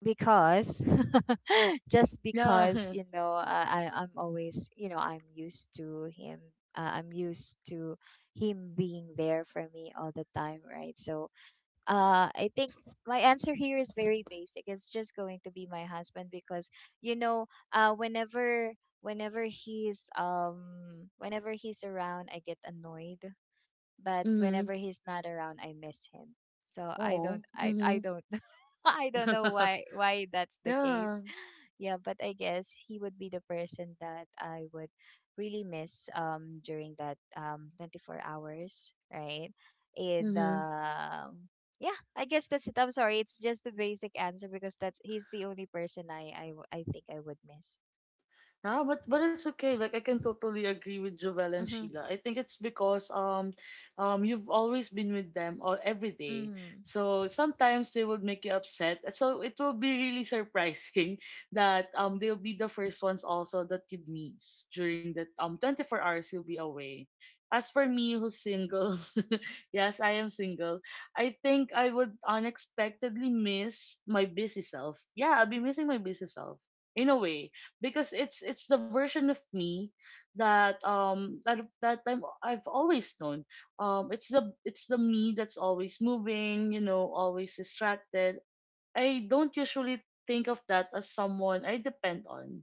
Speaker 3: because just because,
Speaker 1: Yeah.
Speaker 3: you know, I'm always, you know, I'm used to him. I'm used to him being there for me all the time, right? So I think my answer here is very basic. It's just going to be my husband because, you know, uh, whenever whenever he's around, I get annoyed, but
Speaker 1: Mm-hmm.
Speaker 3: whenever he's not around, I miss him. So I don't,
Speaker 1: Oh.
Speaker 3: I
Speaker 1: Mm-hmm.
Speaker 3: don't, I don't know why that's the
Speaker 1: Yeah.
Speaker 3: case. Yeah, but I guess he would be the person that I would really miss during that 24 hours, right? And
Speaker 1: Mm-hmm.
Speaker 3: yeah, I guess that's it. I'm sorry, it's just the basic answer, because that's he's the only person I think I would miss.
Speaker 1: Yeah, but it's okay. Like I can totally agree with Jovella and
Speaker 3: Mhm.
Speaker 1: Sheila. I think it's because you've always been with them all every day.
Speaker 3: Mhm.
Speaker 1: So sometimes they would make you upset. So it will be really surprising that they'll be the first ones also that you'd meet during that 24 hours you'll be away. As for me who's single, yes, I am single. I think I would unexpectedly miss my busy self. Yeah, I'll be missing my busy self in a way because it's the version of me that I've always known. It's the, it's the me that's always moving, you know, always distracted. I don't usually think of that as someone I depend on,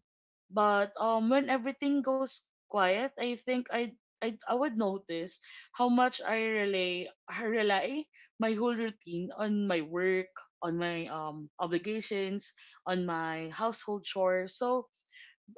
Speaker 1: but when everything goes quiet, I think I. I would notice how much I rely my whole routine on my work, on my obligations, on my household chores. So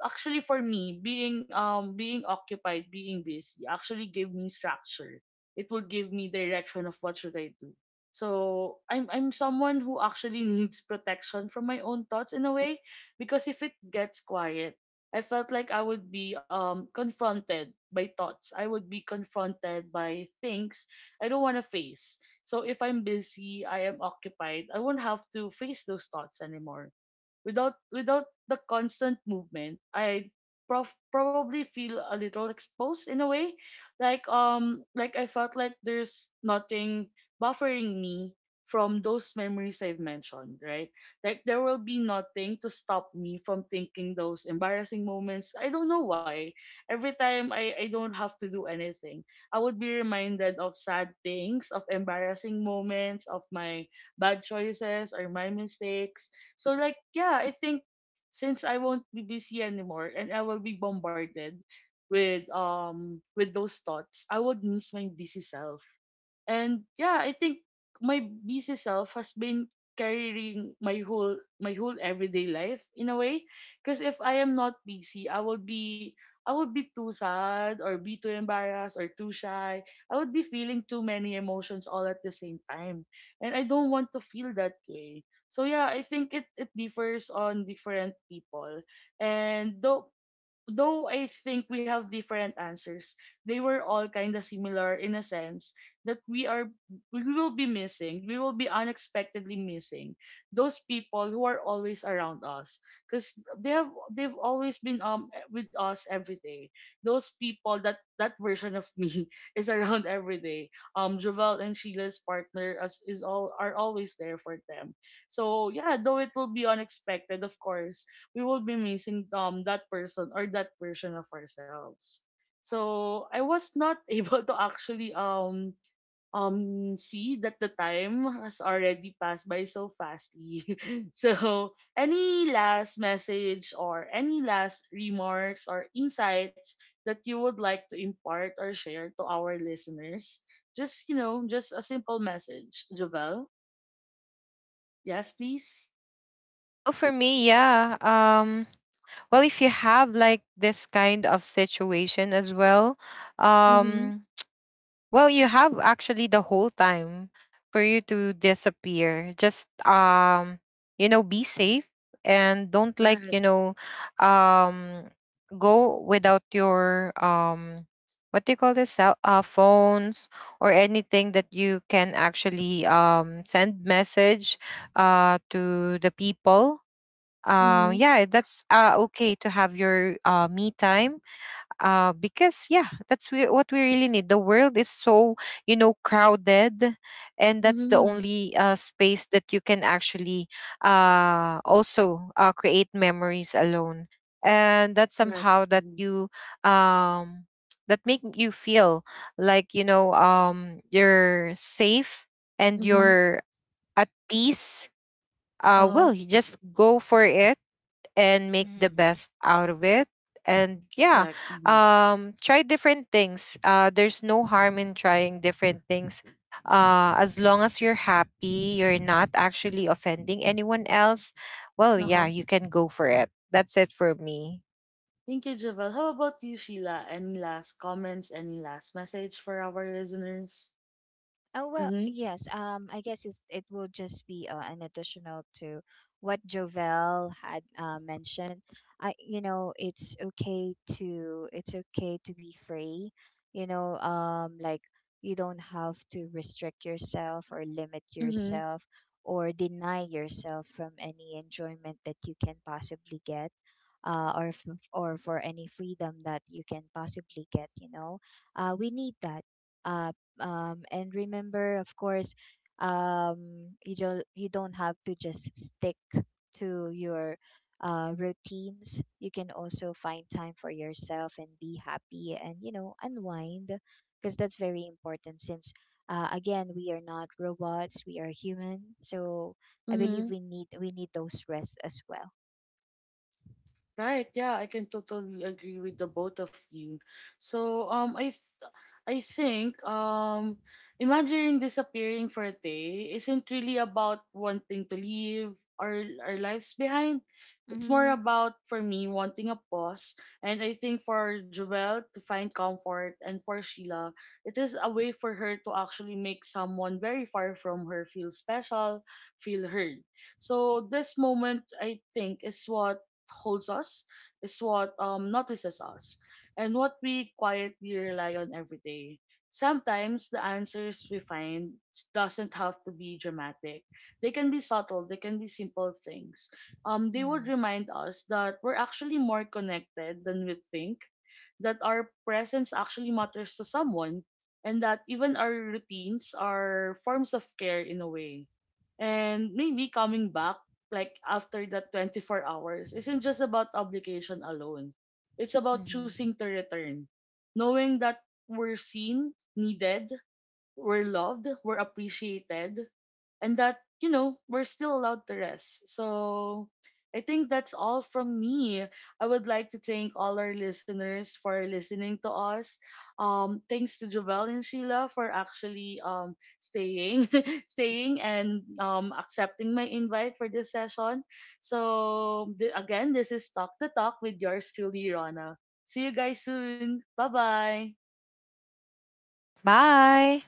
Speaker 1: actually for me being being occupied, being busy actually gave me structure. It will give me direction of what should I do. So I'm someone who actually needs protection from my own thoughts in a way, because if it gets quiet, I felt like I would be confronted by thoughts, I would be confronted by things I don't want to face. So if I'm busy, I am occupied, I won't have to face those thoughts anymore. Without the constant movement, I probably feel a little exposed in a way. Like I felt like there's nothing buffering me from those memories I've mentioned, right? Like there will be nothing to stop me from thinking those embarrassing moments. I don't know why. Every time I don't have to do anything, I would be reminded of sad things, of embarrassing moments, of my bad choices or my mistakes. So like yeah, I think since I won't be busy anymore and I will be bombarded with those thoughts, I would miss my busy self. And yeah, I think my busy self has been carrying my whole everyday life in a way, because if I am not busy, I would be too sad or be too embarrassed or too shy. I would be feeling too many emotions all at the same time. And I don't want to feel that way. So yeah, I think it it differs on different people. And though I think we have different answers, they were all kind of similar in a sense that we are we will be missing, we will be unexpectedly missing those people who are always around us because they've always been with us every day. Those people, that that version of me is around every day. Jovel and Sheila's partner as is all are always there for them. So yeah, though it will be unexpected, of course, we will be missing that person or that version of ourselves. So I was not able to actually see that the time has already passed by so fastly. So any last message or any last remarks or insights that you would like to impart or share to our listeners? Just you know, just a simple message, Javel. Yes, please.
Speaker 2: Well, for me, yeah, well, if you have like this kind of situation as well. um
Speaker 1: Mm-hmm.
Speaker 2: Well, you have actually the whole time for you to disappear. Just, be safe, and don't, like,
Speaker 1: Right.
Speaker 2: um go without your, what do you call this, cell, phones, or anything that you can actually send message to the people.
Speaker 1: Mm-hmm.
Speaker 2: Yeah, that's okay to have your me time, because yeah, that's what we really need. The world is so, crowded, and that's the
Speaker 1: Mm-hmm.
Speaker 2: only space that you can actually, also create memories alone. And that's
Speaker 1: Correct.
Speaker 2: somehow that
Speaker 1: Mm-hmm.
Speaker 2: you, um, that make you feel like, you're safe, and
Speaker 1: Mm-hmm.
Speaker 2: you're at peace.
Speaker 1: Uh-huh.
Speaker 2: Well, you just go for it, and make the
Speaker 3: Mhm.
Speaker 2: best out of it. And yeah,
Speaker 1: Correct. Mm-hmm.
Speaker 2: try different things. There's no harm in trying different things. As long as you're happy, you're not actually offending anyone else. Well yeah,
Speaker 1: Uh-huh.
Speaker 2: you can go for it. That's it for me.
Speaker 1: Thank you, Javel. How about you, Sheila? Any last comments? Any last message for our listeners?
Speaker 3: Oh well,
Speaker 1: Mm-hmm.
Speaker 3: yes. I guess it will just be an additional to what Jovel had mentioned. I, you know, it's okay to be free. You know, like, you don't have to restrict yourself or limit
Speaker 1: Mm-hmm.
Speaker 3: yourself or deny yourself from any enjoyment that you can possibly get. Or for any freedom that you can possibly get, you know, we need that. Uh, and remember, of course, you don't have to just stick to your routines. You can also find time for yourself and be happy and, you know, unwind, because that's very important, since again, we are not robots, we are human, so I believe
Speaker 1: Mm-hmm.
Speaker 3: we need those rests as well.
Speaker 1: Right, yeah, I can totally agree with the both of you. So, I, I think, imagining disappearing for a day isn't really about wanting to leave our lives behind. It's more
Speaker 3: Mm-hmm.
Speaker 1: about, for me, wanting a pause. And I think for Jovel to find comfort, and for Sheila, it is a way for her to actually make someone very far from her feel special, feel heard. So this moment, I think, is what holds us, is what notices us and what we quietly rely on every day. Sometimes the answers we find doesn't have to be dramatic. They can be subtle, they can be simple things. They would remind us that we're actually more connected than we think, that our presence actually matters to someone, and that even our routines are forms of care in a way. And maybe coming back like after that 24 hours isn't just about obligation alone. It's about
Speaker 3: Mm-hmm.
Speaker 1: choosing to return, knowing that we're seen, needed, we're loved, we're appreciated, and that, you know, we're still allowed to rest. So I think that's all from me. I would like to thank all our listeners for listening to us. Thanks to Jovel and Sheila for actually staying, staying and accepting my invite for this session. So again, this is Talk the Talk with yours truly, Rona. See you guys soon. Bye bye.
Speaker 2: Bye.